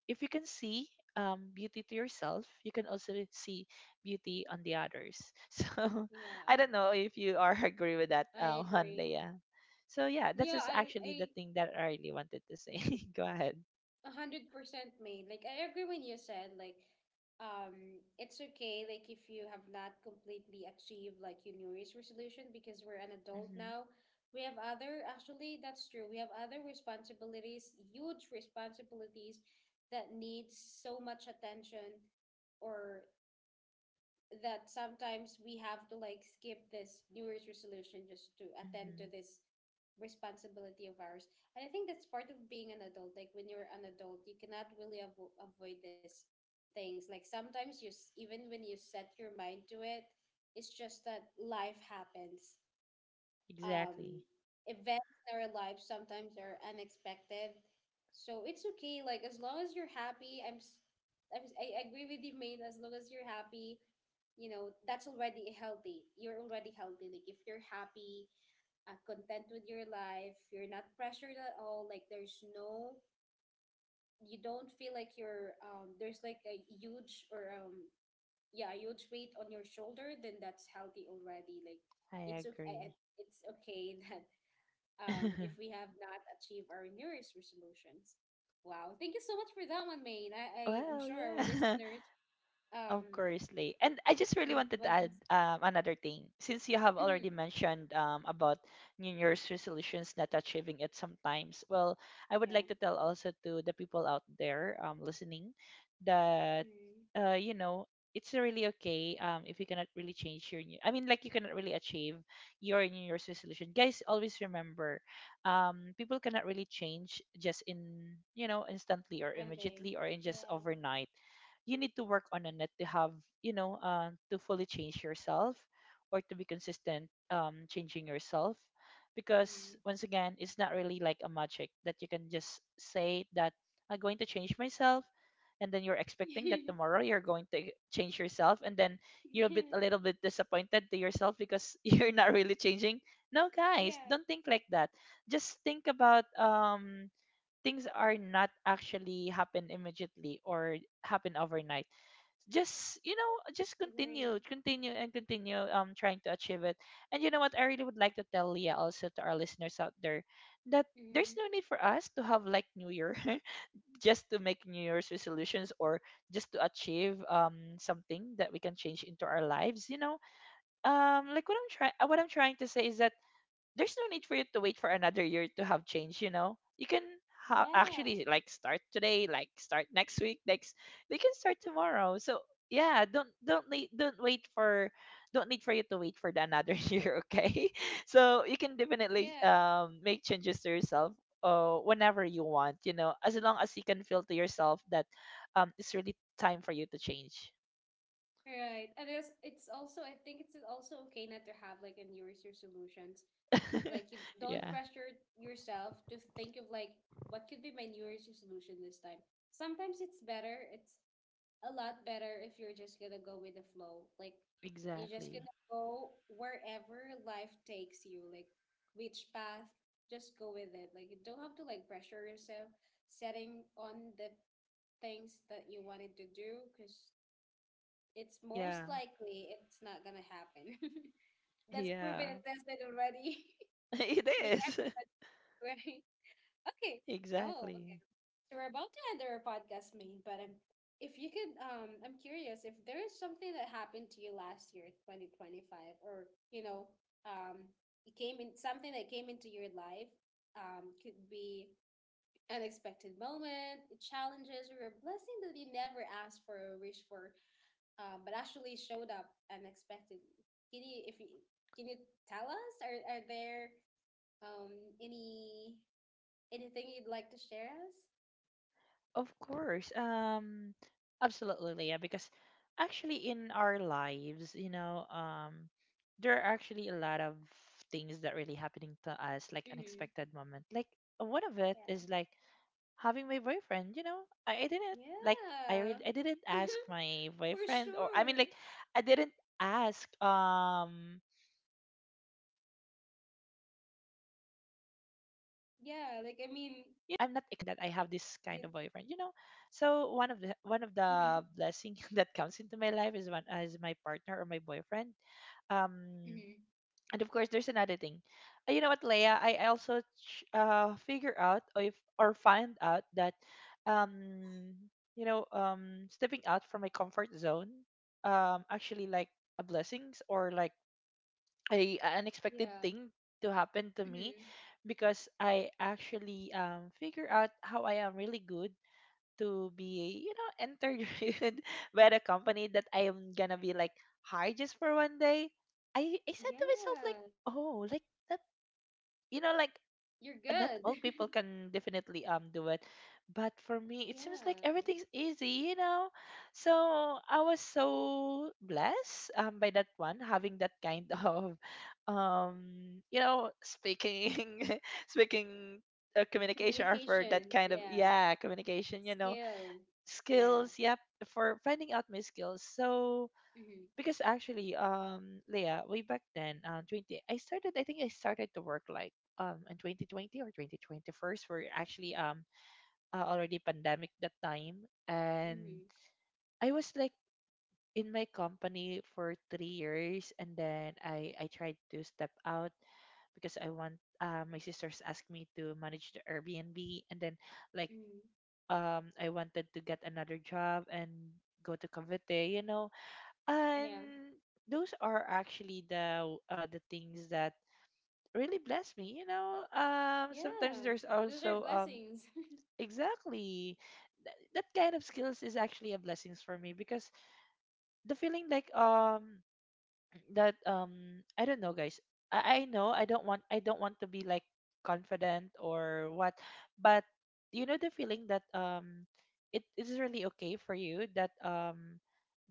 B: if you can see, beauty to yourself, you can also see beauty on the others. So
A: Yeah.
B: I don't know if you are agree with that
A: I
B: one,
A: agree.
B: Leia. So yeah, this
A: Yeah,
B: is actually the
A: I
B: thing that I really wanted to say. Go ahead.
A: 100% made. Like I agree when you said like it's okay like if you have not completely achieved like your New Year's resolution because we're an adult
B: Mm-hmm.
A: now. We have other, actually that's true. We have other responsibilities, huge responsibilities that need so much attention, or that sometimes we have to like skip this New Year's resolution just to attend to
B: Mm-hmm.
A: this responsibility of ours. And I think that's part of being an adult. Like when you're an adult, you cannot really avoid this things. Like sometimes even when you set your mind to it, it's just that life happens, um,
B: Exactly.
A: events in our lives sometimes are unexpected. So it's okay. Like, as long as you're happy, I agree with you, mate. As long as you're happy, you know that's already healthy. You're already healthy. Like if you're happy, content with your life, you're not pressured at all. Like there's no, you don't feel like you're. There's like a huge or yeah, a huge weight on your shoulder. Then that's healthy already. Like
B: I
A: it's okay.
B: agree.
A: It's okay that if we have not achieved our New Year's resolutions. Wow. Thank you so much for that one, Maine. I am
B: Well,
A: sure our
B: yeah.
A: listeners
B: Of
A: um
B: course, Lay. And I just really
A: it
B: wanted to
A: was
B: add,
A: ins-
B: another thing. Since you have already
A: Mhm.
B: mentioned, about New Year's resolutions not achieving it sometimes, well, I would
A: Yeah.
B: like to tell also to the people out there, listening that,
A: Mm.
B: you know, it's really okay, if you cannot really change your new. I mean, like, you cannot really achieve your New Year's resolution. Guys, always remember, people cannot really change just in, you know, instantly or
A: When they
B: immediately or in just
A: yeah.
B: overnight. You need to work on it to have, you know, to fully change yourself, or to be consistent, changing yourself. Because
A: Mm.
B: once again, it's not really like a magic that you can just say that I'm going to change myself, and then you're expecting that tomorrow you're going to change yourself, and then you're
A: Yeah.
B: a little bit disappointed to yourself because you're not really changing. No, guys,
A: Yeah.
B: don't think like that. Just think about, things are not actually happen immediately, or happen overnight. Just, you know, just continue
A: Agree.
B: continue and continue, trying to achieve it. And you know what, I really would like to tell Leah, also to our listeners out there, that there's
A: Mm-hmm.
B: no need for us to have like new year just to make new year's resolutions, or just to achieve, something that we can change into our lives, you know. Like what I'm trying to say is that there's no need for you to wait for another year to have change. You know, you can
A: Yeah.
B: actually, like, start today. Like, start next week, next they can start tomorrow. So yeah, don't need for you to wait for the another year, okay. So you can
A: Yeah.
B: definitely, make changes to yourself whenever you want. You know, as long as you can feel to yourself that, it's really time for you to change.
A: Right. And it's also, I think it's also okay not to have like a New Year's resolutions. Like you don't
B: Yeah.
A: pressure yourself to think of like what could be my New Year's resolution this time. Sometimes it's better. It's a lot better if you're just gonna go with the flow. Like you're just
B: Exactly.
A: gonna go wherever life takes you. Like which path, just go with it. Like you don't have to like pressure yourself setting on the things that you wanted to do because it's
B: Yeah.
A: most likely it's not gonna happen. That's
B: Yeah.
A: proven and tested already
B: It
A: by
B: is.
A: everybody. Right? Okay. Oh,
B: Exactly.
A: okay. So we're about to end our podcast, mate. But if you could, I'm curious if there is something that happened to you last year, 2025, or you know, um, it came in something that came into your life, could be unexpected moment, challenges, or a blessing that you never asked for or wished for, but actually showed up unexpectedly. Can you, if you, can you tell us? Are there um any anything you'd like to share us?
B: Of course. Absolutely, Leah, because actually in our lives, you know, there are actually a lot of things that really happening to us, like
A: Hmm.
B: unexpected moment. Like one of it
A: Yeah.
B: is like having my boyfriend, you know. I didn't like,
A: Yeah.
B: I didn't ask my
A: For
B: boyfriend, or I mean
A: sure.
B: like, I didn't ask, you know, like, I'm not really totally praying for it, maybe a little, but
A: Yeah,
B: I'm
A: like
B: not
A: I mean,
B: expecting that I have
A: you
B: this kind of boyfriend, you know. So
A: mm-hmm.
B: one of the blessing that comes into my life is one as my partner or my boyfriend. Um,
A: Mm-hmm.
B: and of course, there's another thing. You know what, Leia? I also figure out, or if or find out that, um you know, stepping out from my comfort zone, actually like a blessings, or like a unexpected
A: Yeah.
B: thing to happen to me.
A: Mm-hmm.
B: Because I actually, figure out how I am really good to be, you know, entered by the company that I am gonna be like hired just for 1 day. I said to myself
A: Yeah.
B: like, oh, like that, you know, like,
A: You're
B: not
A: good.
B: all people can definitely, do it, but for me
A: Yeah.
B: it seems like everything's easy, you know. So I was so blessed, by that one, having that kind of, you know, speaking speaking, communication, or for
A: Communication.
B: that kind of,
A: Yeah.
B: yeah, communication, you know,
A: Skill. Yeah.
B: skills, yep, for finding out my skills. So
A: Mm-hmm.
B: because actually, Leah, way back then, 20, I started to work like, in 2020 or 2021st. We're actually, already pandemic that time, and
A: Mm-hmm.
B: I was like in my company for 3 years, and then I tried to step out because I want, my sisters asked me to manage the Airbnb. And then, like,
A: Hmm.
B: I wanted to get another job and go to Cavite, you know. And
A: Yeah.
B: those are actually the, the things that really bless me, you know. Sometimes
A: Yeah.
B: there's
A: Those are
B: also,
A: blessings.
B: exactly, that kind of skills is actually a blessings for me, because the feeling like, that, I don't know, guys. I know, I don't want to be like confident or what, but you know, the feeling that, it is really okay for you that,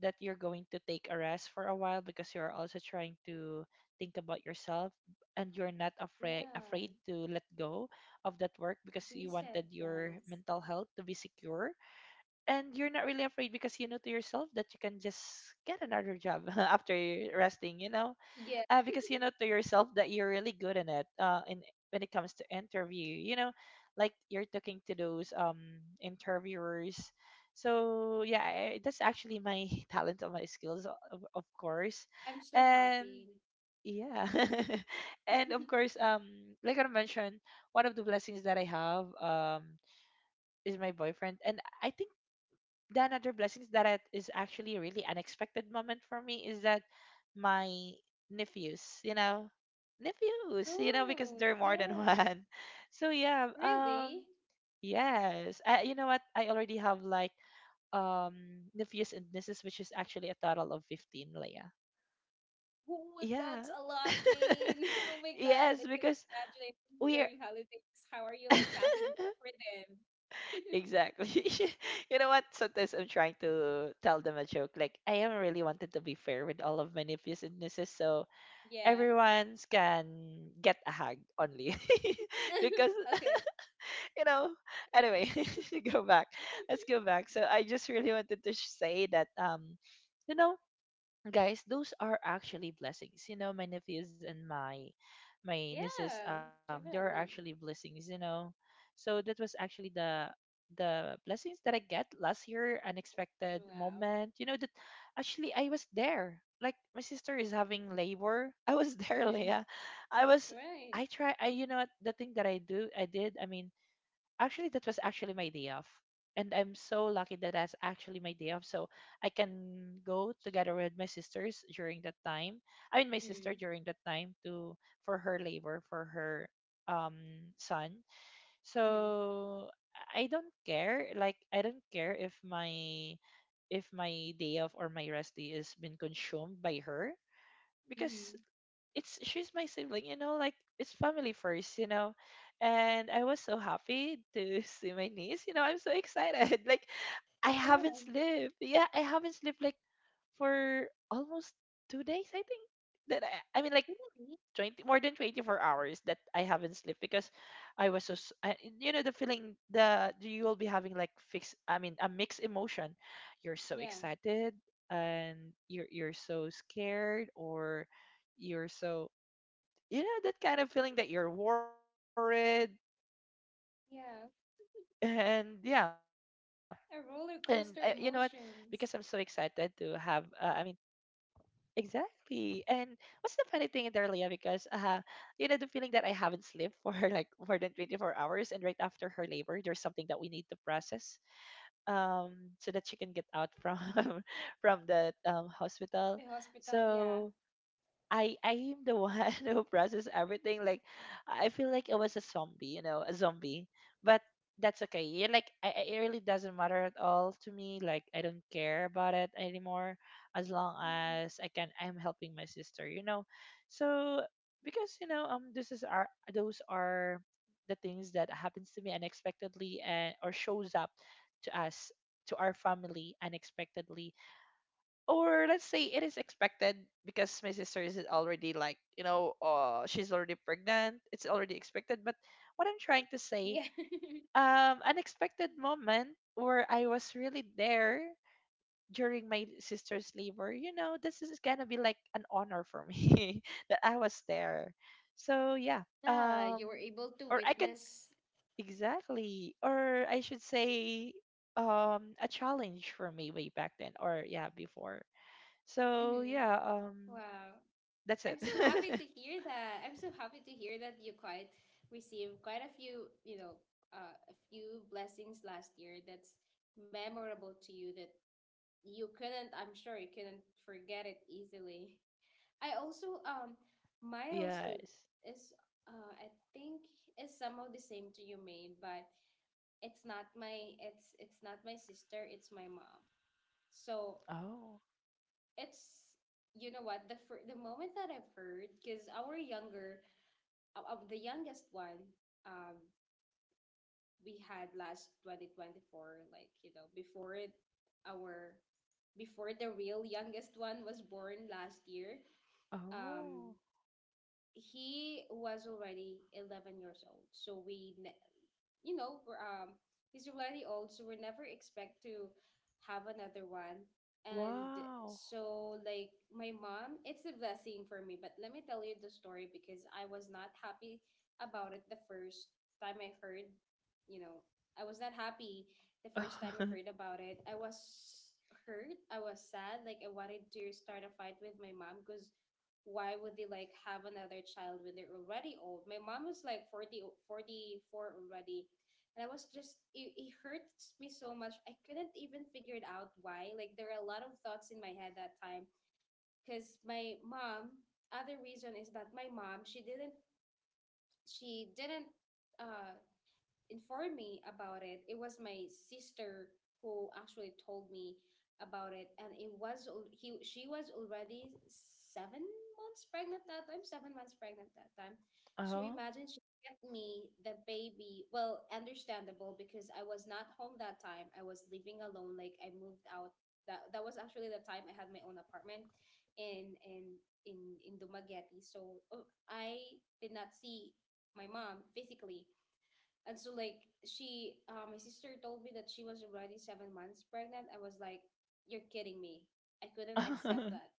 B: that you're going to take a rest for a while because you're also trying to think about yourself, and you're not afraid
A: Yeah.
B: afraid to let go of that work because you
A: Reset,
B: wanted your
A: guys.
B: mental health to be secure. And you're not really afraid because you know to yourself that you can just get another job after you're resting, you know.
A: Yeah.
B: Because you know to yourself that you're really good in it, in when it comes to interview, you know, like you're talking to those, interviewers. So yeah, that's actually my talent and my skills, of course.
A: I'm so
B: And
A: happy.
B: yeah. And of course, like I mentioned, one of the blessings that I have, is my boyfriend. And I think then other blessings, that it is actually a really unexpected moment for me, is that my nephews, you know, because
A: Oh,
B: they're more than
A: yeah.
B: one. So yeah,
A: Really?
B: yes, you know what? I already have like, um nephews and nieces, which is actually a total of 15, Leia.
A: Who would that
B: Yeah.
A: a lot, mean? Oh my god,
B: Yes,
A: I can
B: because
A: imagine
B: we are.
A: during holidays. How are you like packing for them?
B: Exactly. You know what? Sometimes I'm trying to tell them a joke. Like, I am really wanted to be fair with all of my nephews and nieces, so
A: Yeah.
B: everyone's can get a hug only. Because
A: Okay.
B: you know, anyway, go back. Let's go back. So I just really wanted to say that, you know, guys, those are actually blessings. You know, my nephews and my nieces,
A: Yeah,
B: they are actually
A: definitely.
B: blessings, you know. So that was actually the blessings that I get last year. Unexpected
A: Wow.
B: moment, you know, that actually I was there, like my sister is having labor. I was there,
A: Mm-hmm.
B: Leah. I was,
A: Right.
B: I try I you know what, the thing that I did, I mean, actually that was actually my day off, and I'm so lucky that that's actually my day off. So I can go together with my sisters during that time. I mean, my sister
A: Mm-hmm.
B: during that time, to, for her labor, for her, um son.
A: Mm-hmm.
B: So I don't care, like, I don't care if my, if my day off or my rest day is been consumed by her. Because
A: Mm-hmm.
B: it's, she's my sibling, you know, like it's family first, you know. And I was so happy to see my niece, you know, I'm so excited. Like, I
A: Yeah,
B: haven't slept. Yeah, I haven't slept like for almost 2 days, I think. I mean like
A: really.
B: 20, more than 24 hours that I haven't slept because I was so s- I, you know, the feeling the you will be having, like, fixed I mean a mixed emotion. You're so
A: Yeah.
B: excited and you're so scared, or you're so, you know, that kind of feeling that you're worried and yeah.
A: Yeah.
B: And you know what, because I'm so
A: A
B: excited
A: roller
B: to have,
A: coaster emotions.
B: exactly, and what's the funny thing in there, Leah? Because you know, the feeling that I haven't slept for like more than 24 hours, and right after her labor, there's something that we need to process, um so that she can get out from from the
A: The
B: hospital.
A: hospital, yeah.
B: So I am the one who process everything. Like, I feel like I was a zombie, you know, a zombie. But that's okay. Yeah, like it really doesn't matter at all to me. Like, I don't care about it anymore, as long
A: Mm-hmm.
B: as I can. I'm helping my sister, you know. So because you know, this is our, those are the things that happens to me unexpectedly, and or shows up to us, to our family unexpectedly, or let's say it is expected, because my sister is already, like, you know, she's already pregnant, it's already expected. But what I'm trying to
A: Yeah.
B: say, unexpected moment where I was really there during my sister's labor. You know, this is gonna be like an honor for me that I was there. So yeah.
A: Yeah, you
B: um
A: were able to
B: or I can,
A: witness.
B: exactly, or I should say, a challenge for me way back then, or yeah, before. So
A: Mm-hmm.
B: yeah,
A: Wow.
B: that's
A: I'm
B: it.
A: so happy to hear that. I'm so happy to hear that you quite received quite a few, you know, a few blessings last year that's memorable to you that you couldn't, I'm sure you couldn't forget it easily. I also,
B: Yes.
A: mine also is, I think is somehow the same to you, Maine, but it's not my sister, it's my mom. So
B: Oh.
A: it's, you know what, the moment that I've heard, because our younger, of the youngest one um, we had last 2024, like, you know, before it, our, before the real youngest one was born last year, um
B: Oh.
A: he was already 11 years old, so you know we're, um, he's already old so we never expect to have another one. And
B: Wow.
A: so like my mom, it's a blessing for me, but let me tell you the story because I was not happy about it the first time I heard. You know, I was not happy the first time I heard about it. I was hurt, I was sad. Like I wanted to start a fight with my mom because why would they like have another child when they're already old? My mom was like 44 already. And I was just, it hurts me so much. I couldn't even figure it out why. Like, there are a lot of thoughts in my head that time. Because my mom, other reason is that my mom, she didn't, uh, informed me about it. It was my sister who actually told me about it, and it was al- he she was already 7 months pregnant that time, 7 months pregnant that time. So
B: Oh.
A: imagine she get me the baby. Well, understandable because I was not home that time. I was living alone. Like I moved out. That was actually the time I had my own apartment in in in Dumaguete. So I did not see my mom physically. And so like she, my sister told me that she was already 7 months pregnant. I was like, "You're kidding me! I couldn't accept
B: Huh.
A: that."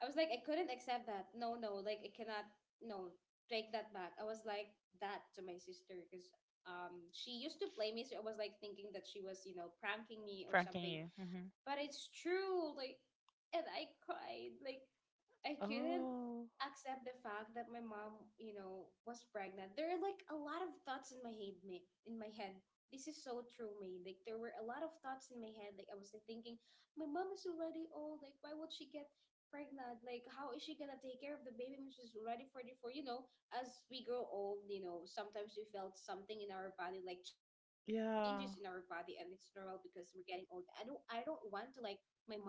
A: I was like, "I couldn't accept that. No, no, like I cannot. No, take that back." I was like that to my sister because she used to play me, so I was like thinking that she was, you know, pranking me or
B: Pranking
A: something.
B: you. Hmm.
A: But it's true. Like, and I cried. Like, I couldn't
B: Oh.
A: accept the fact that my mom, you know, was pregnant. There are like a lot of thoughts in my head, in my head. This is so true me. Like there were a lot of thoughts in my head. Like I was like thinking, my mom is already old. Like why would she get pregnant? Like, how is she gonna take care of the baby when she's already 44? You know, as we grow old, you know, sometimes we felt something in our body, like changes in our body, and
B: Yeah.
A: it's normal because we're getting old. I don't want to like my mom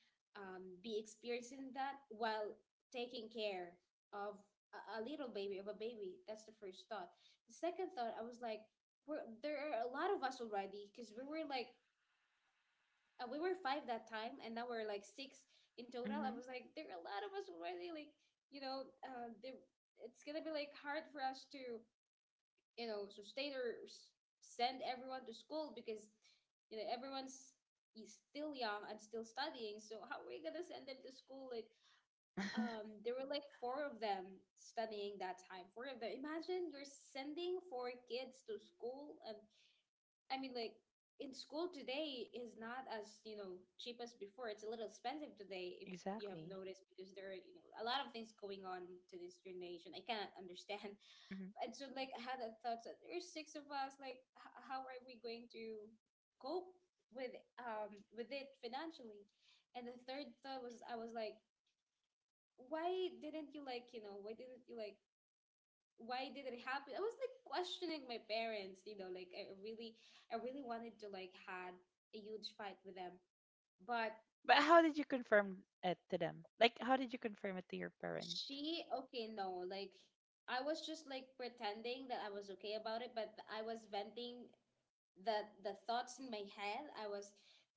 A: be experiencing that while taking care of a little baby, of a baby. That's the first thought. The second thought, I was like, there are a lot of us already because we were like we were five that time, and now we're like six in total. I
B: Hmm.
A: was like there are a lot of us already. Like, you know, it's gonna be like hard for us to, you know, sustainers, send everyone to school because you know everyone's is still young and still studying, so how are we gonna send them to school? Like, there were like four of them studying that time, four of them. Imagine you're sending four kids to school. And i mean like in school today is not as, you know, cheap as before. It's a little expensive today, if
B: Exactly.
A: you have noticed, because there are, you know, a lot of things going on to
B: Hmm.
A: this generation I cannot understand. And so like I had that thought that there's six of us. Like, how are we going to cope with with it financially? And the third thought was, I was like, why didn't you like, why did it happen? I was like questioning my parents. You know, like I really wanted to like had a huge fight with them, but
B: But how did you confirm it to them? Like, how did you confirm it to your parent?
A: she okay no like I was just like pretending that I was okay about it, but I was venting the thoughts in my head. I was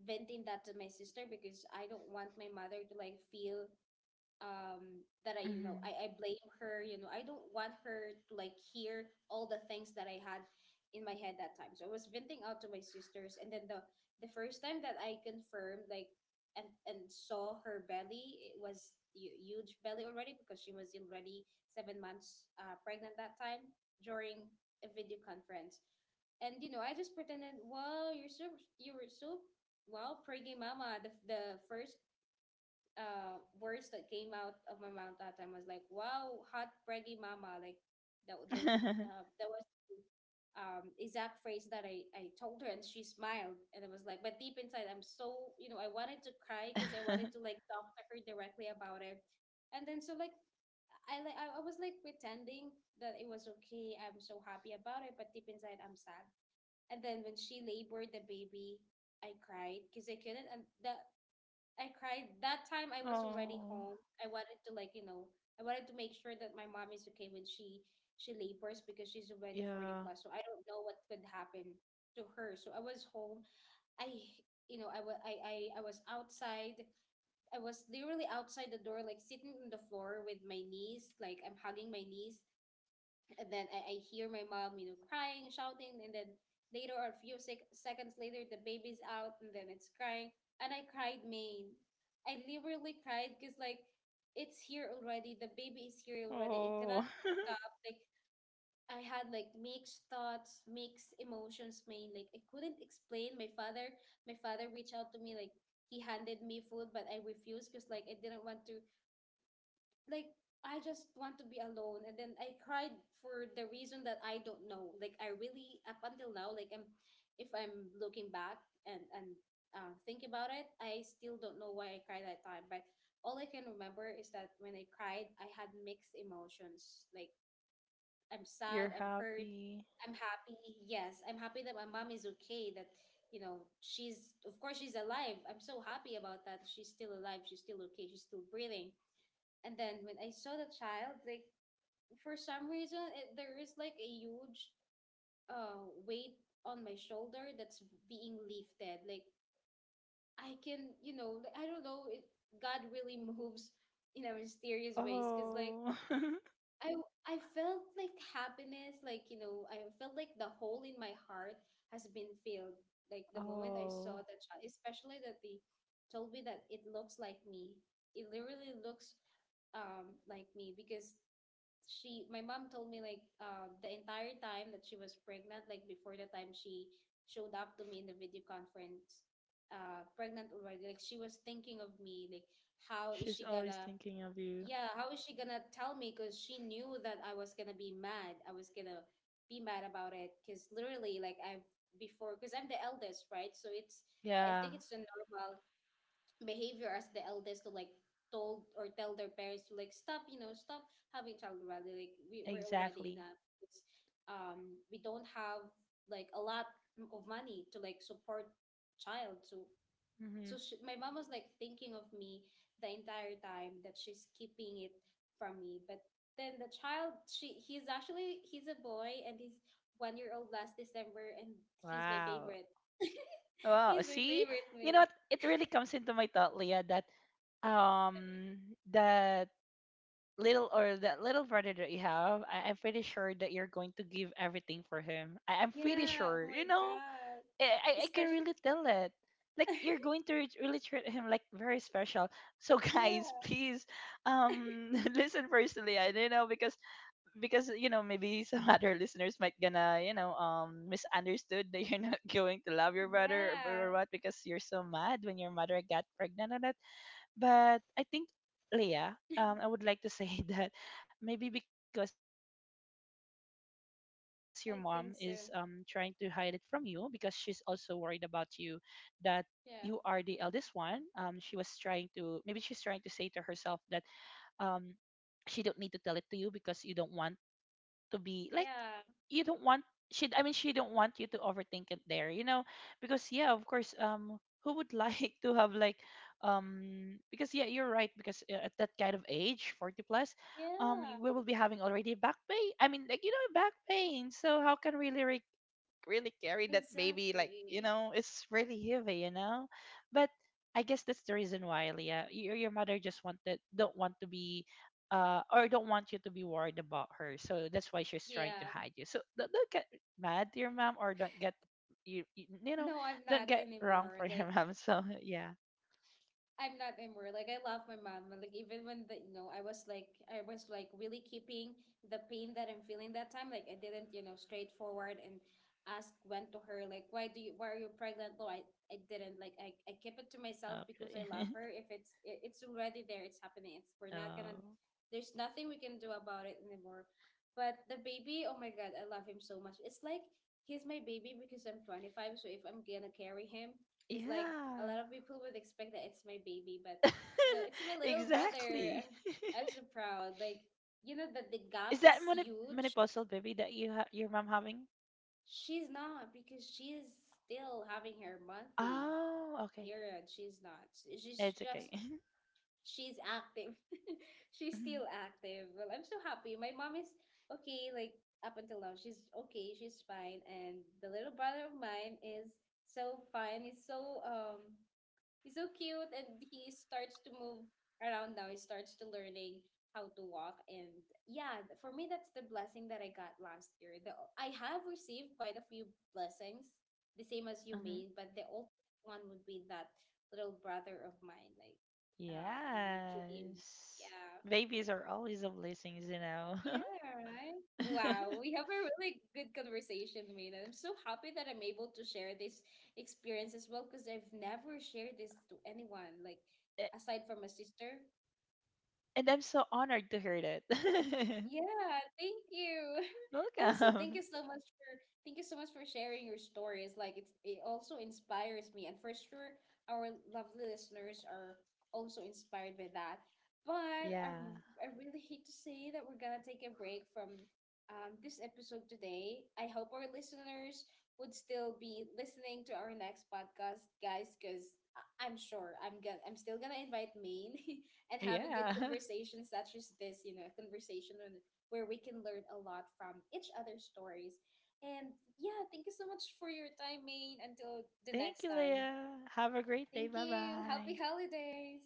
A: venting that to my sister because I don't want my mother to like feel that I you know
B: Hmm.
A: I blame her. You know, I don't want her to like hear all the things that I had in my head that time, so I was venting out to my sisters. And then the first time that I confirmed like and saw her belly, it was huge belly already because she was already 7 months pregnant that time, during a video conference. And you know, I just pretended, wow you're so you were so wow pretty mama. The first words that came out of my mouth that time was like, "Wow, hot braggy mama!" Like that. Those that was the, exact phrase that I told her, and she smiled, and I was like, but deep inside, I'm so you know, I wanted to cry because I wanted to like talk to her directly about it, and then so like. I, like I was like pretending that it was okay. I'm so happy about it, but deep inside I'm sad. And then when she labored the baby, I cried because I couldn't. And the I cried that time. I was already
B: Oh.
A: home. I wanted to like you know I wanted to make sure that my mom is okay when she labors, because she's already 40
B: Yeah.
A: plus. So I don't know what could happen to her. So I was home. I you know I was I was outside. I was literally outside the door, like sitting on the floor with my niece. Like I'm hugging my niece. And then I hear my mom, you know, crying, shouting, and then later or a few seconds later, the baby's out, and then it's crying, and I cried, man. I literally cried because like it's here already. The baby is here already. It cannot
B: Oh.
A: stop. Like I had like mixed thoughts, mixed emotions, man. Like I couldn't explain. My father reached out to me like. He handed me food, but I refused because like I didn't want to like I just want to be alone. And then I cried for the reason that I don't know. Like I really up until now like I'm, if I'm looking back and think about it, I still don't know why I cried that time. But all I can remember is that when I cried, I had mixed emotions. Like I'm sad,
B: You're
A: I'm hurt,
B: happy.
A: I'm happy. Yes, I'm happy that my mom is okay. That you know she's of course she's alive. I'm so happy about that. She's still alive. She's still okay. She's still breathing. And then when I saw the child, like for some reason, it, there is like a huge weight on my shoulder that's being lifted. Like I can, you know, like, I don't know. It, God really moves in a mysterious ways, cause like
B: Oh.
A: I I felt like happiness, like you know, I felt like the hole in my heart has been filled. Like the moment I saw
B: Oh.
A: the child, especially that they told me that it looks like me. It literally looks like me because she my mom told me like the entire time that she was pregnant, like before the time she showed up to me in the video conference pregnant already. Like she was thinking of me, like how is
B: She's
A: she
B: always
A: gonna,
B: thinking of you.
A: yeah how is she gonna tell me, because she knew that I was gonna be mad. I was gonna be mad about it because literally like I've before, because I'm the eldest, right? So it's I think
B: Yeah,
A: it's a normal behavior as the eldest to like told or tell their parents to like stop, you know, stop having child already. Like we're already
B: exactly.
A: enough. It's, we don't have like a lot of money to like support child. So
B: Hmm.
A: so she, my mom was like thinking of me the entire time that she's keeping it from me. But then the child, she he's actually he's a boy, and he's 1 year old last December. And he's my
B: Wow.
A: favorite.
B: Wow.
A: He's my
B: See,
A: favorite
B: you
A: me.
B: know, it really comes into my thought, Leah, that um that little, or that little brother that you have, I'm pretty sure that you're going to give everything for him. I'm pretty
A: Yeah, oh
B: sure.
A: my
B: You know,
A: God.
B: I I can
A: Especially,
B: really tell it. Like, you're going to really treat him like very special. So guys,
A: yeah,
B: please, listen first, I don't know, because you know, maybe some other listeners might gonna, you know, um, misunderstood that you're not going to love your brother,
A: yeah.
B: or what, because you're so mad when your mother got pregnant on that. But I think, Leah, I would like to say that maybe because your mom is trying to hide it from you
A: I
B: because
A: think
B: she's
A: so.
B: also worried about you, that you are the eldest one.
A: Yeah.
B: She was trying to, maybe she's trying to say to herself that um she don't need to tell it to you, because you don't want to be like,
A: Yeah.
B: you don't want, she, I mean, she don't want you to overthink it there, you know, because yeah, of course, who would like to have like, because yeah, you're right, because at that kind of age, 40 plus,
A: Yeah.
B: we will be having already back pain. I mean, like, you know, back pain. So how can we really really carry that baby, like, you
A: Exactly.
B: know, it's really heavy, you know. But I guess that's the reason why, Leah, your mother just wanted, don't want to be or don't want you to be worried about her, so that's why she's trying
A: Yeah.
B: to hide you. So don't get mad to your mom, or don't get, you
A: No,
B: know,
A: I'm not
B: don't get
A: anymore.
B: wrong for
A: Like
B: your mom. So yeah.
A: I'm not anymore. Like I love my mom. And, like even when the you know I was like really keeping the pain that I'm feeling that time. Like I didn't you know straightforward and ask went to her, like why do you why are you pregnant? No, I didn't. Like I kept it to myself because I
B: Okay.
A: love her. If it's it, it's already there, it's happening. It's we're not gonna.
B: Oh.
A: There's nothing we can do about it anymore. But the baby, oh my god, I love him so much. It's like he's my baby because I'm 25. So if I'm gonna carry him, he's like a
B: Yeah.
A: lot of people would expect that it's my baby, but you know, it's my little brother.
B: Exactly.
A: I'm so proud. Like, you know that the
B: Is
A: gap
B: that
A: is huge.
B: menopausal baby that you your mom having?
A: She's not because she's still having her monthly
B: Oh, okay.
A: period. She's not. She's
B: It's
A: just
B: okay.
A: she's active. She's
B: Hmm.
A: still active. Well, I'm so happy. My mom is okay, like up until now. She's okay, she's fine. And the little brother of mine is so fine. He's so cute, and he starts to move around now. He starts to learning how to walk. And yeah, for me that's the blessing that I got last year. The, I have received quite a few blessings, the same as you mean, but the ultimate one would be that little brother of mine, like when he came.
B: Yes.
A: Yeah.
B: Babies are always a blessings, you know.
A: Yeah, right. Wow, we have a really good conversation, Mina. I'm so happy that I'm able to share this experience as well, because I've never shared this to anyone, like
B: A-
A: aside from my sister.
B: and I'm so honored to hear that.
A: Yeah, thank you. Also, thank
B: Welcome.
A: you so much for thank you so much for sharing your stories. Like it's it also inspires me, and for sure our lovely listeners are also inspired by that. But
B: Yeah.
A: I really hate to say that we're gonna take a break from this episode today. I hope our listeners would still be listening to our next podcast, guys, because I'm sure I'm still gonna invite Maine and have a good
B: Yeah.
A: conversation such as this, you know, a conversation on- where we can learn a lot from each other's stories. And yeah, thank you so much for your time, Maine. Until the
B: Thank
A: next
B: you,
A: time.
B: Leah. Have a great day.
A: Thank
B: Bye
A: you. Happy
B: bye.
A: holidays.